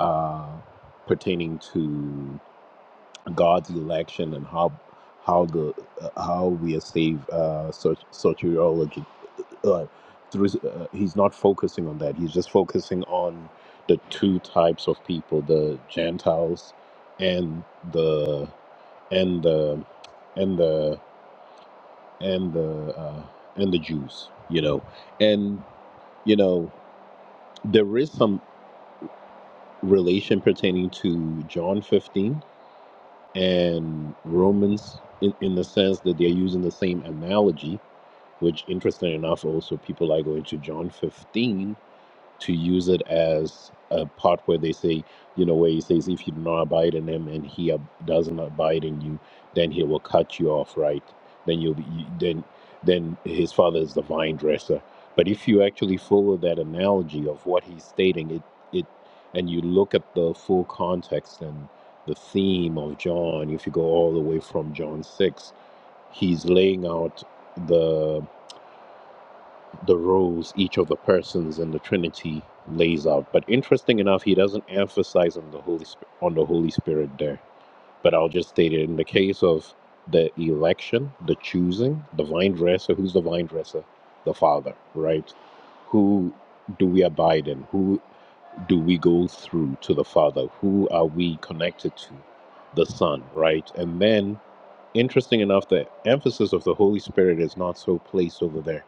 uh, pertaining to God's election and how how the uh, how we are saved uh, soter- soteriology. Uh, through, uh, he's not focusing on that. He's just focusing on the two types of people: the Gentiles and the and the and the and the uh, and the Jews. You know, and you know there is some relation pertaining to John 15 and Romans in, in the sense that they're using the same analogy, which interesting enough, also people are going to John 15 to use it as a part where they say, you know, where he says, if you do not abide in him and he ab- doesn't abide in you, then he will cut you off, right? Then you'll be, you- then, then his father is the vine dresser. But if you actually follow that analogy of what he's stating, it, it, and you look at the full context and the theme of John, if you go all the way from John 6, he's laying out the the roles each of the persons in the Trinity lays out. But interesting enough, he doesn't emphasize on the Holy Spirit, on the Holy Spirit there. But I'll just state it in the case of the election, the choosing, the vine dresser. Who's the vine dresser? The Father, right? Who do we abide in? Who do we go through to the Father? Who are we connected to? The Son, right? And then, interesting enough, the emphasis of the Holy Spirit is not so placed over there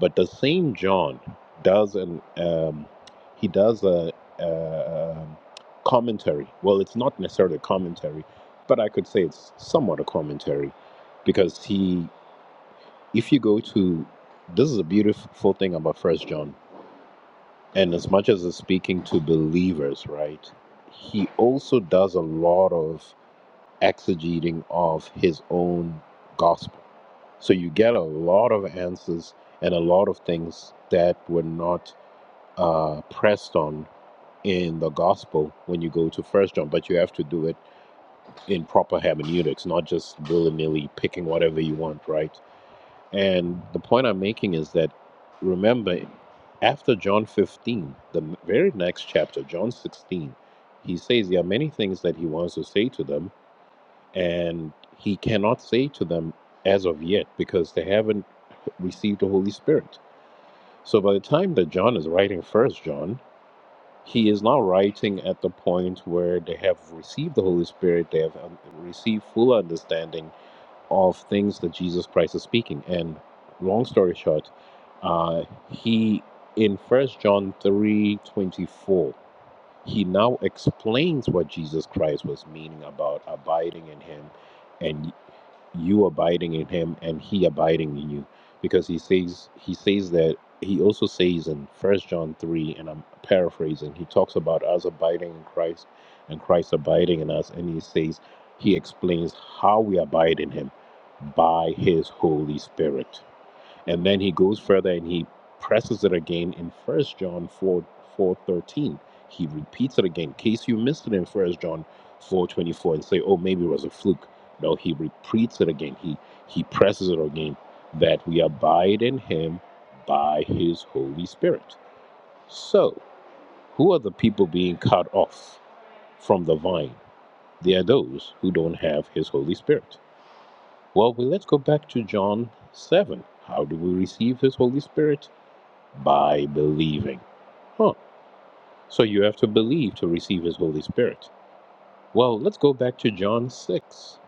but the same John does an um, he does a, a um, commentary. Well, it's not necessarily a commentary, but I could say it's somewhat a commentary because he, if you go to, this is a beautiful thing about First John, and as much as it's speaking to believers, right? He also does a lot of exegeting of his own gospel. So you get a lot of answers and a lot of things that were not uh, pressed on in the gospel when you go to First John, but you have to do it in proper hermeneutics, not just willy nilly picking whatever you want, right? And the point I'm making is that remember, after John 15, the very next chapter, John 16, he says there are many things that he wants to say to them, and he cannot say to them as of yet because they haven't received the Holy Spirit. So by the time that John is writing First John, he is now writing at the point where they have received the Holy Spirit, they have um, received full understanding of things that Jesus Christ is speaking. And long story short, uh, he in First John three twenty four, he now explains what Jesus Christ was meaning about abiding in Him, and you abiding in him and he abiding in you because he says he says that he also says in first john 3 and i'm paraphrasing he talks about us abiding in christ and christ abiding in us and he says he explains how we abide in him by his holy spirit and then he goes further and he presses it again in First John 4 four thirteen. He repeats it again in case you missed it in First John four twenty four and say, oh, maybe it was a fluke. No, he repeats it again. He, he presses it again that we abide in him by his Holy Spirit. So, who are the people being cut off from the vine? They are those who don't have his Holy Spirit. Well, we, let's go back to John 7. How do we receive his Holy Spirit? by believing. Huh. So you have to believe to receive his Holy Spirit. Well, let's go back to John 6.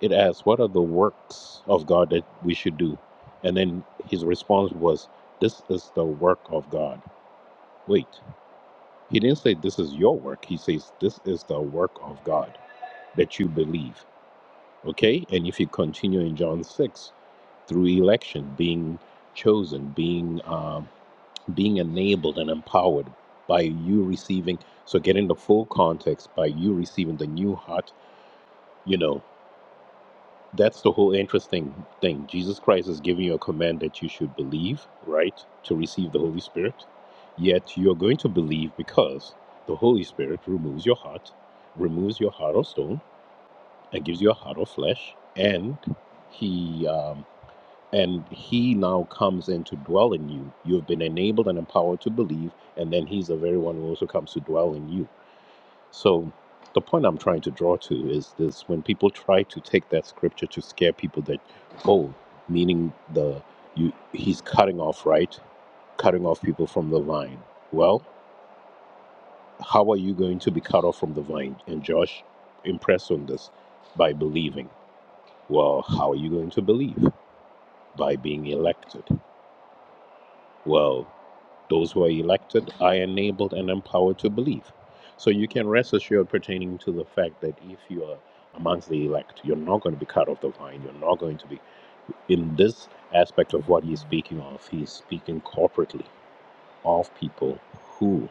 It asks, What are the works of God that we should do? And then his response was, This is the work of God. Wait, he didn't say this is your work. He says, This is the work of God that you believe. Okay? And if you continue in John 6, through election, being chosen, being um, being enabled and empowered by you receiving so getting the full context by you receiving the new heart you know that's the whole interesting thing jesus christ is giving you a command that you should believe right to receive the holy spirit yet you're going to believe because the holy spirit removes your heart removes your heart of stone and gives you a heart of flesh and he um, and he now comes in to dwell in you. You have been enabled and empowered to believe, and then he's the very one who also comes to dwell in you. So, the point I'm trying to draw to is this when people try to take that scripture to scare people that, oh, meaning the you he's cutting off right, cutting off people from the vine. Well, how are you going to be cut off from the vine? And Josh impressed on this by believing. Well, how are you going to believe? By being elected. Well, Those who are elected are enabled and empowered to believe. So you can rest assured pertaining to the fact that if you are amongst the elect, you're not going to be cut off the vine. You're not going to be in this aspect of what he's speaking of, he's speaking corporately of people who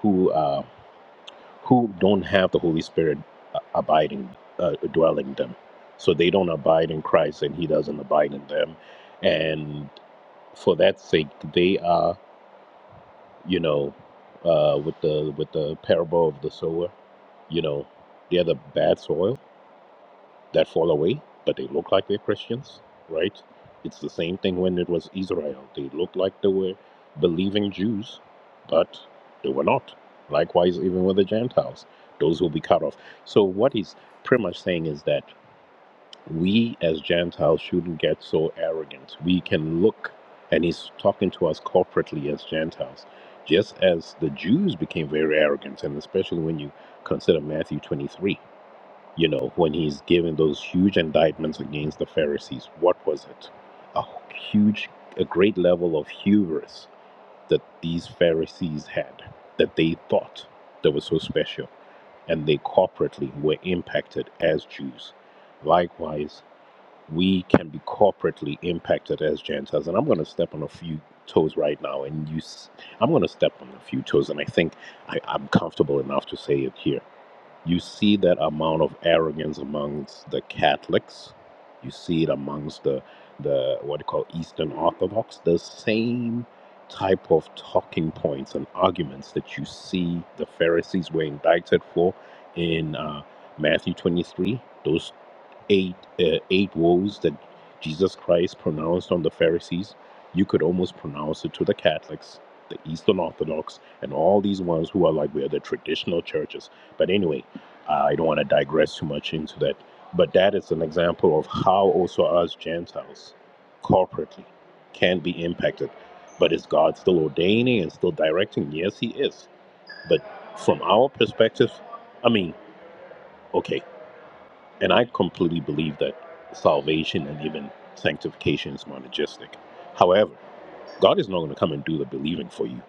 who uh, who don't have the Holy Spirit uh, abiding uh, dwelling them, so they don't abide in Christ, and He doesn't abide in them, and for that sake, they are. you know, uh, with the with the parable of the sower. You know, they're the bad soil that fall away, but they look like they're Christians, right? It's the same thing when it was Israel. They looked like they were believing Jews, but they were not. Likewise, even with the Gentiles, those will be cut off. So what he's pretty much saying is that we as Gentiles shouldn't get so arrogant. We can look, and he's talking to us corporately as Gentiles, just as the Jews became very arrogant, and especially when you consider Matthew 23, you know, when he's giving those huge indictments against the Pharisees, what was it? A huge, a great level of hubris that these Pharisees had, that they thought that was so special, and they corporately were impacted as Jews. Likewise, we can be corporately impacted as Gentiles. And I'm going to step on a few toes right now, and you, s- I'm going to step on a few toes, and I think I, I'm comfortable enough to say it here. You see that amount of arrogance amongst the Catholics. You see it amongst the the what they call Eastern Orthodox. The same type of talking points and arguments that you see the Pharisees were indicted for in uh, Matthew 23. Those eight uh, eight woes that Jesus Christ pronounced on the Pharisees, you could almost pronounce it to the Catholics, the Eastern Orthodox, and all these ones who are like we are the traditional churches. But anyway, uh, I don't want to digress too much into that. But that is an example of how also us Gentiles, corporately, can be impacted. But is God still ordaining and still directing? Yes, He is. But from our perspective, I mean, okay. And I completely believe that salvation and even sanctification is monergistic. However, God is not going to come and do the believing for you.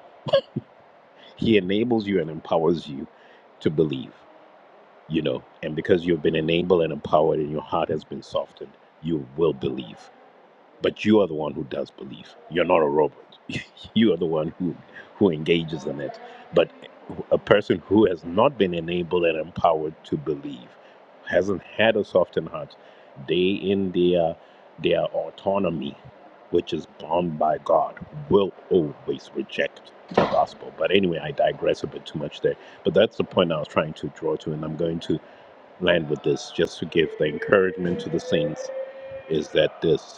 He enables you and empowers you to believe, you know. And because you've been enabled and empowered and your heart has been softened, you will believe. But you are the one who does believe. You're not a robot. *laughs* you are the one who, who engages in it. But a person who has not been enabled and empowered to believe, hasn't had a softened heart, they in their their autonomy, which is bound by God, will always reject the gospel. But anyway, I digress a bit too much there. But that's the point I was trying to draw to, and I'm going to land with this just to give the encouragement to the saints is that this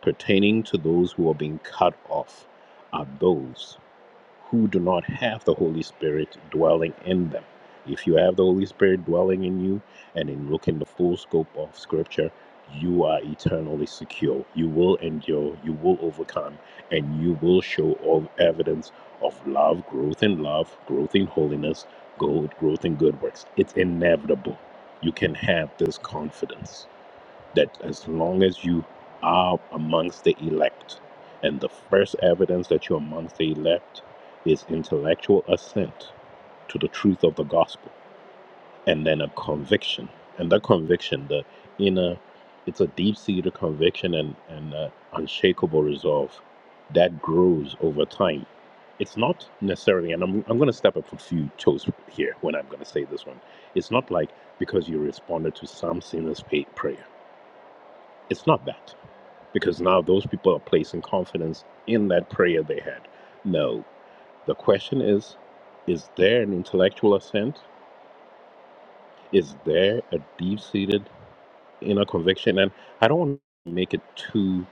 pertaining to those who are being cut off are those who do not have the Holy Spirit dwelling in them. If you have the Holy Spirit dwelling in you and in looking the full scope of Scripture, you are eternally secure. You will endure, you will overcome, and you will show all evidence of love, growth in love, growth in holiness, growth, growth in good works. It's inevitable. You can have this confidence that as long as you are amongst the elect, and the first evidence that you're amongst the elect is intellectual assent to the truth of the gospel, and then a conviction. And that conviction, the inner, it's a deep seated conviction and, and uh, unshakable resolve that grows over time. It's not necessarily, and I'm, I'm going to step up a few toes here when I'm going to say this one. It's not like because you responded to some sinner's pa- prayer. It's not that because now those people are placing confidence in that prayer they had. No, the question is is there an intellectual assent? Is there a deep seated inner conviction? And I don't want to make it too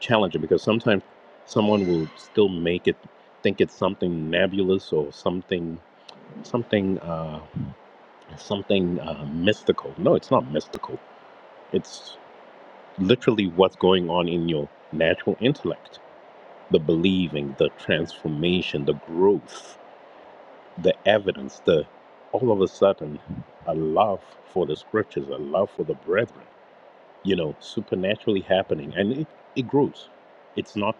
challenging because sometimes someone will still make it think it's something nebulous or something something uh, something uh, mystical. No, it's not mystical. It's literally what's going on in your natural intellect the believing, the transformation, the growth, the evidence, the all of a sudden a love for the scriptures, a love for the brethren, you know, supernaturally happening. And it, it grows. It's not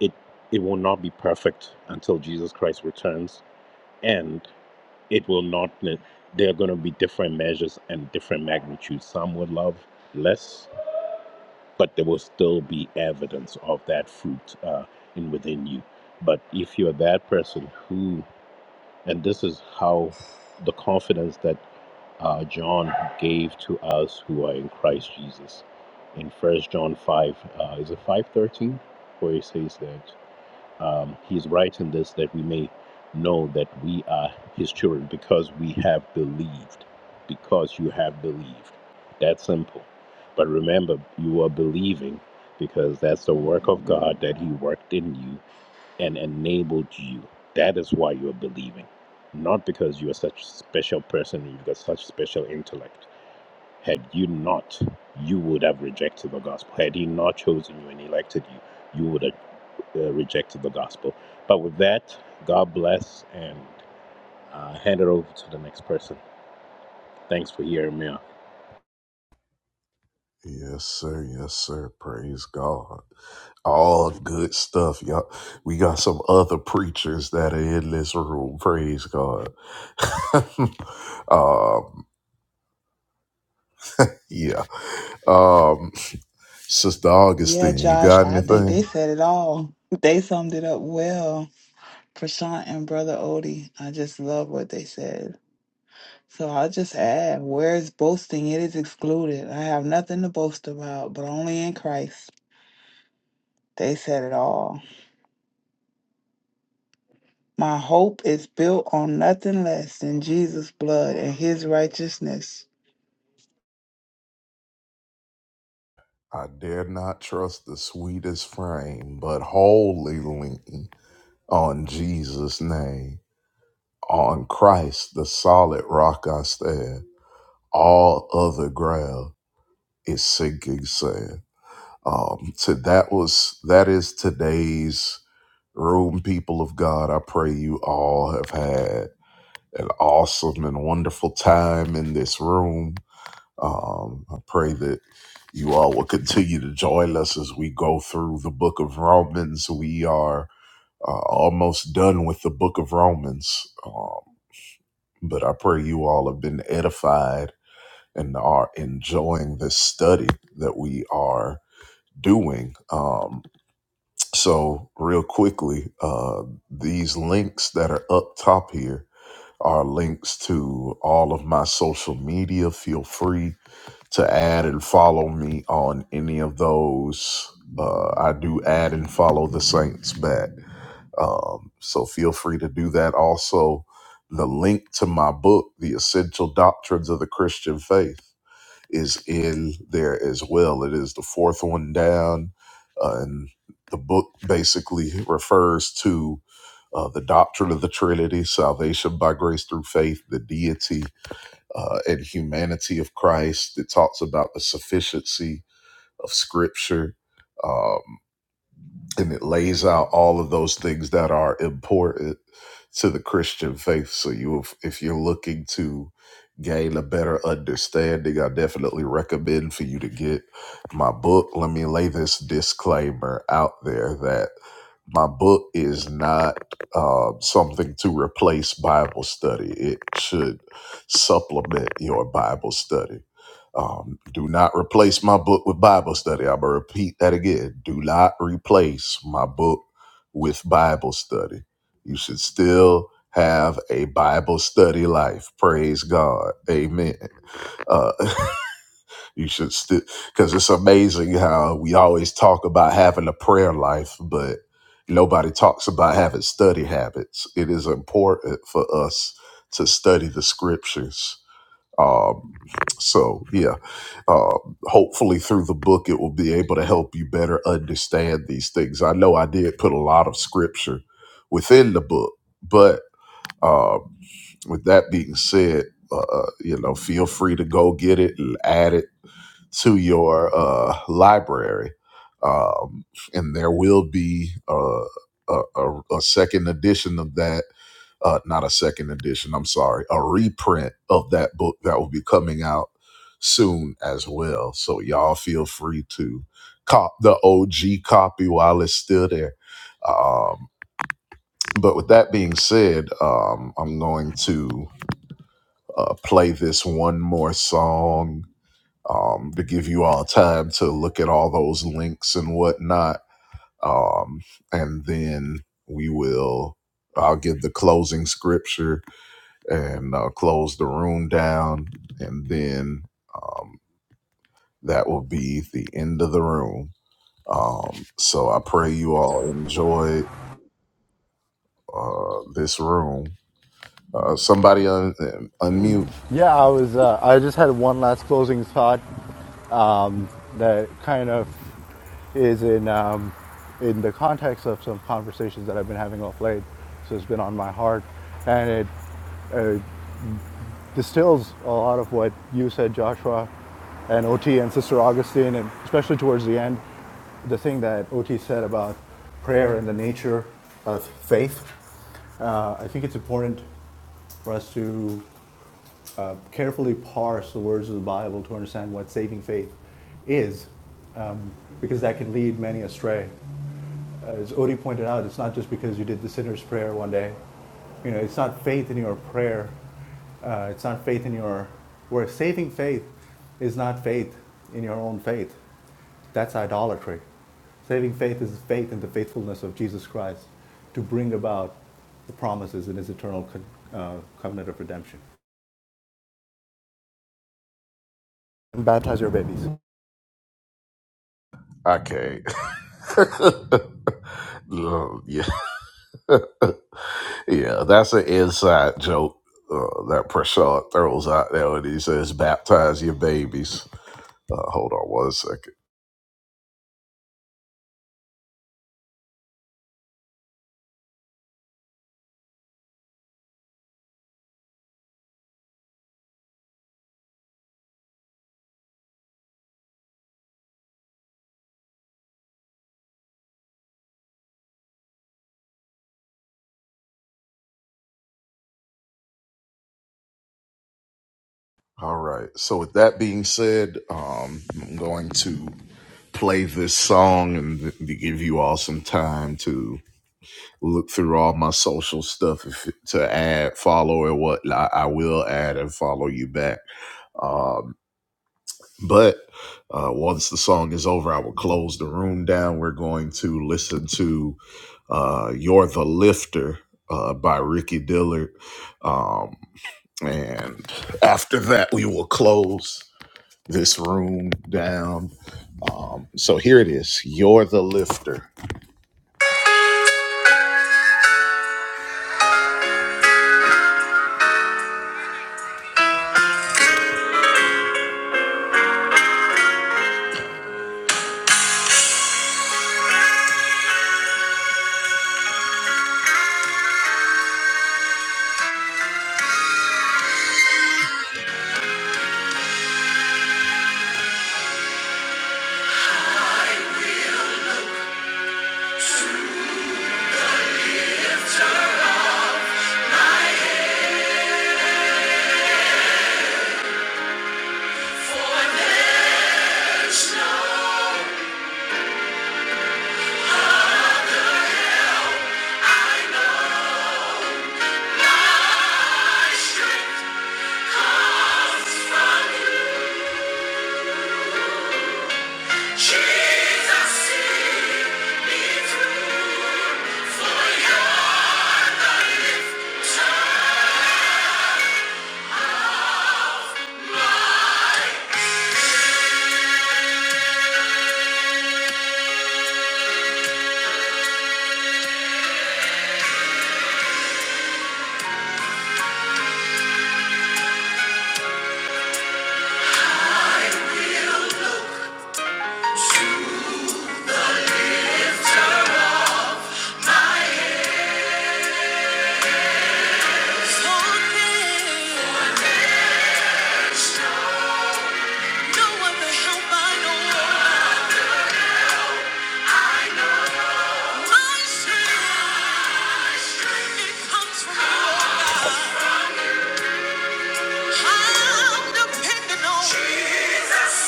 it it will not be perfect until Jesus Christ returns. And it will not there are gonna be different measures and different magnitudes. Some will love less, but there will still be evidence of that fruit uh, in within you. But if you're that person who, and this is how the confidence that uh, John gave to us who are in Christ Jesus, in First John five, uh, is it five thirteen, where he says that? Um, he's right in this that we may know that we are his children because we have believed. Because you have believed. That's simple. But remember, you are believing because that's the work of God that he worked in you and enabled you. That is why you are believing. Not because you are such a special person, you've got such special intellect. Had you not, you would have rejected the gospel. Had he not chosen you and elected you, you would have uh, rejected the gospel. But with that, God bless and uh, hand it over to the next person. Thanks for hearing me out.
Yes, sir. Yes, sir. Praise God. All good stuff, y'all. We got some other preachers that are in this room. Praise God. *laughs* um, yeah. Um, Sister
Yeah,
Augustine, you
Josh,
got
I think
anything?
they said it all. *laughs* They summed it up well. Prashant and Brother Odie, I just love what they said. So I'll just add, where is boasting? It is excluded. I have nothing to boast about, but only in Christ. They said it all. My hope is built on nothing less than Jesus' blood and his righteousness.
I dare not trust the sweetest frame, but wholly lean on Jesus' name. On Christ, the solid rock I stand. All other ground is sinking sand. Um, so that was that is today's room, people of God. I pray you all have had an awesome and wonderful time in this room. Um, I pray that you all will continue to join us as we go through the book of Romans. We are uh, almost done with the book of Romans, um, but I pray you all have been edified and are enjoying this study that we are doing. Um, So, real quickly, uh, these links that are up top here are links to all of my social media. Feel free to add and follow me on any of those. Uh, I do add and follow the Saints back. Um, so, feel free to do that. Also, the link to my book, The Essential Doctrines of the Christian Faith is in there as well. It is the fourth one down, uh, and the book basically refers to uh, the doctrine of the Trinity, salvation by grace through faith, the deity uh, and humanity of Christ. It talks about the sufficiency of Scripture. Um, and it lays out all of those things that are important to the Christian faith. So you, if, if you're looking to gain a better understanding, I definitely recommend for you to get my book. Let me lay this disclaimer out there that my book is not um, something to replace Bible study. It should supplement your Bible study um, do not replace my book with Bible study. I'm going to repeat that again. Do not replace my book with Bible study. You should still have a Bible study life. Praise God. Amen. Uh, *laughs* you should still, because it's amazing how we always talk about having a prayer life, but nobody talks about having study habits. It is important for us to study the scriptures um, so yeah, uh, hopefully through the book it will be able to help you better understand these things. I know I did put a lot of scripture within the book, but um, with that being said, uh, uh, you know, feel free to go get it and add it to your uh, library, um, and there will be uh, a, a, a second edition of that. Uh, not a second edition. I'm sorry, a reprint of that book that will be coming out soon as well. So y'all feel free to cop the OG copy while it's still there. Um, but with that being said, um, I'm going to uh, play this one more song um, to give you all time to look at all those links and whatnot. Um, and then we will, I'll give the closing scripture and uh, close the room down. And then um, that will be the end of the room. Um, so I pray you all enjoy uh, this room. Uh, somebody un- unmute.
Yeah, I was. Uh, I just had one last closing thought that kind of is in um, in the context of some conversations that I've been having off late. So it's been on my heart, and it distills a lot of what you said, Joshua, and OT and Sister Augustine, and especially towards the end, the thing that OT said about prayer and the nature of faith. Uh, I think it's important for us to uh, carefully parse the words of the Bible to understand what saving faith is, um, because that can lead many astray as Odie pointed out, it's not just because you did the sinner's prayer one day. You know, it's not faith in your prayer. Uh, it's not faith in your work. Saving faith is not faith in your own faith. That's idolatry. Saving faith is faith in the faithfulness of Jesus Christ to bring about the promises in his eternal co- uh, covenant of redemption. And baptize your babies.
I can't. *laughs* Uh, yeah. *laughs* Yeah, that's an inside joke uh, that Prashad throws out there when he says, baptize your babies. Uh, hold on one second. All right. So, with that being said, um, I'm going to play this song and to give you all some time to look through all my social stuff if, to add, follow, and what I, I will add and follow you back. Um, But uh, once the song is over, I will close the room down. We're going to listen to uh, You're the Lifter uh, by Ricky Dillard. Um, and after that, we will close this room down. So here it is You're the Lifter.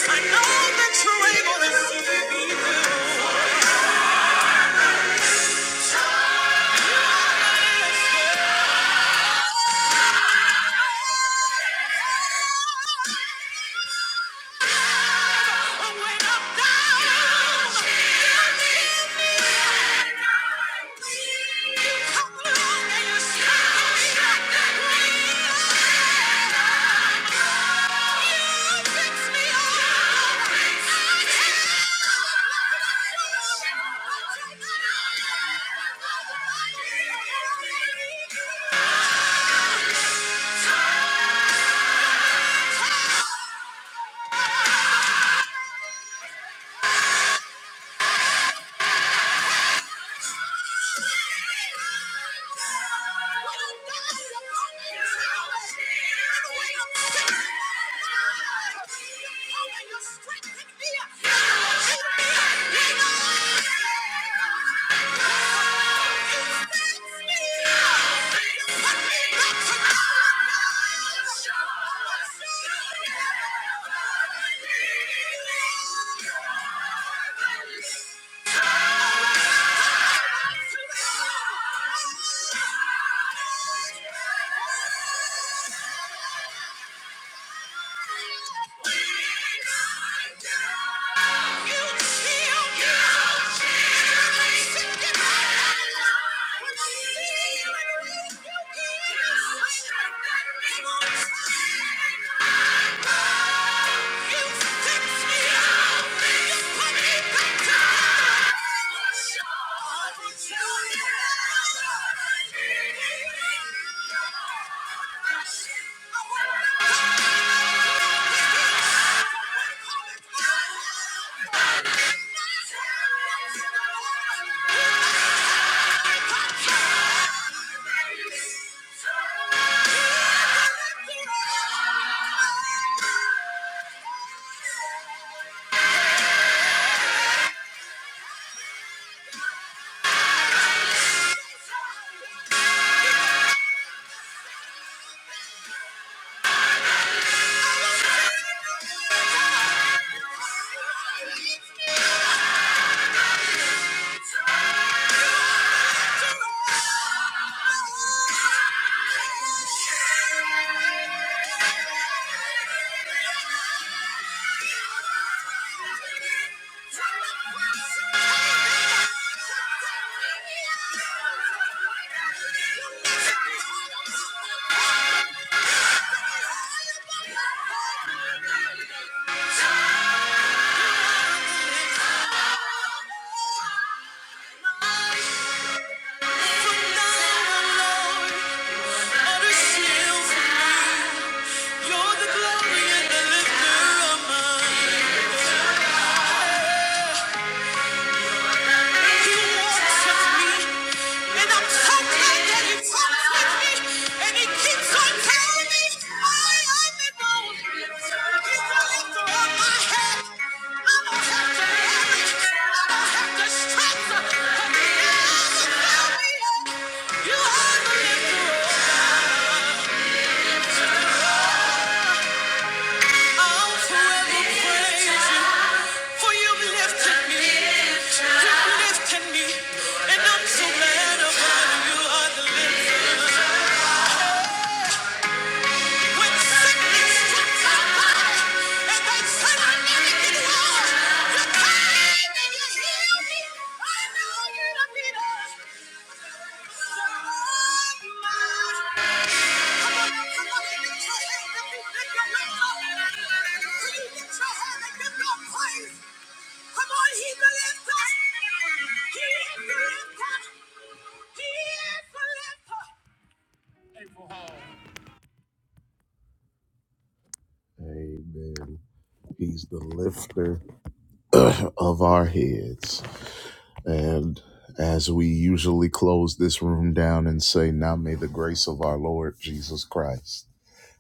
I know that you're able to. Yeah. Yeah. Thank you. Yeah. Thank you. From now on, Lord, every single You're the glory and the lifter of my He worships me, and I'm so glad that He worships me, and He keeps on telling me I am His own. He's the lifter of my head. I don't have to worry. I don't have to stress. 'cause the devil tell me, You are the lifter of my praise, lifting, lifting my Amen. He's the lifter. *clears throat* of our heads. And as we usually close this room down and say, Now may the grace of our Lord Jesus Christ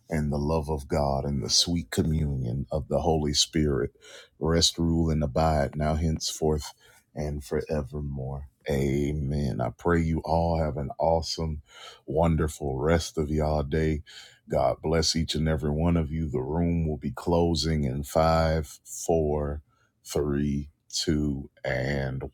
and the love of God and the sweet communion of the Holy Spirit rest, rule, and abide now, henceforth, and forevermore. Amen. I pray you all have an awesome, wonderful rest of y'all day. God bless each and every one of you. The room will be closing in five, four, three, two, and one.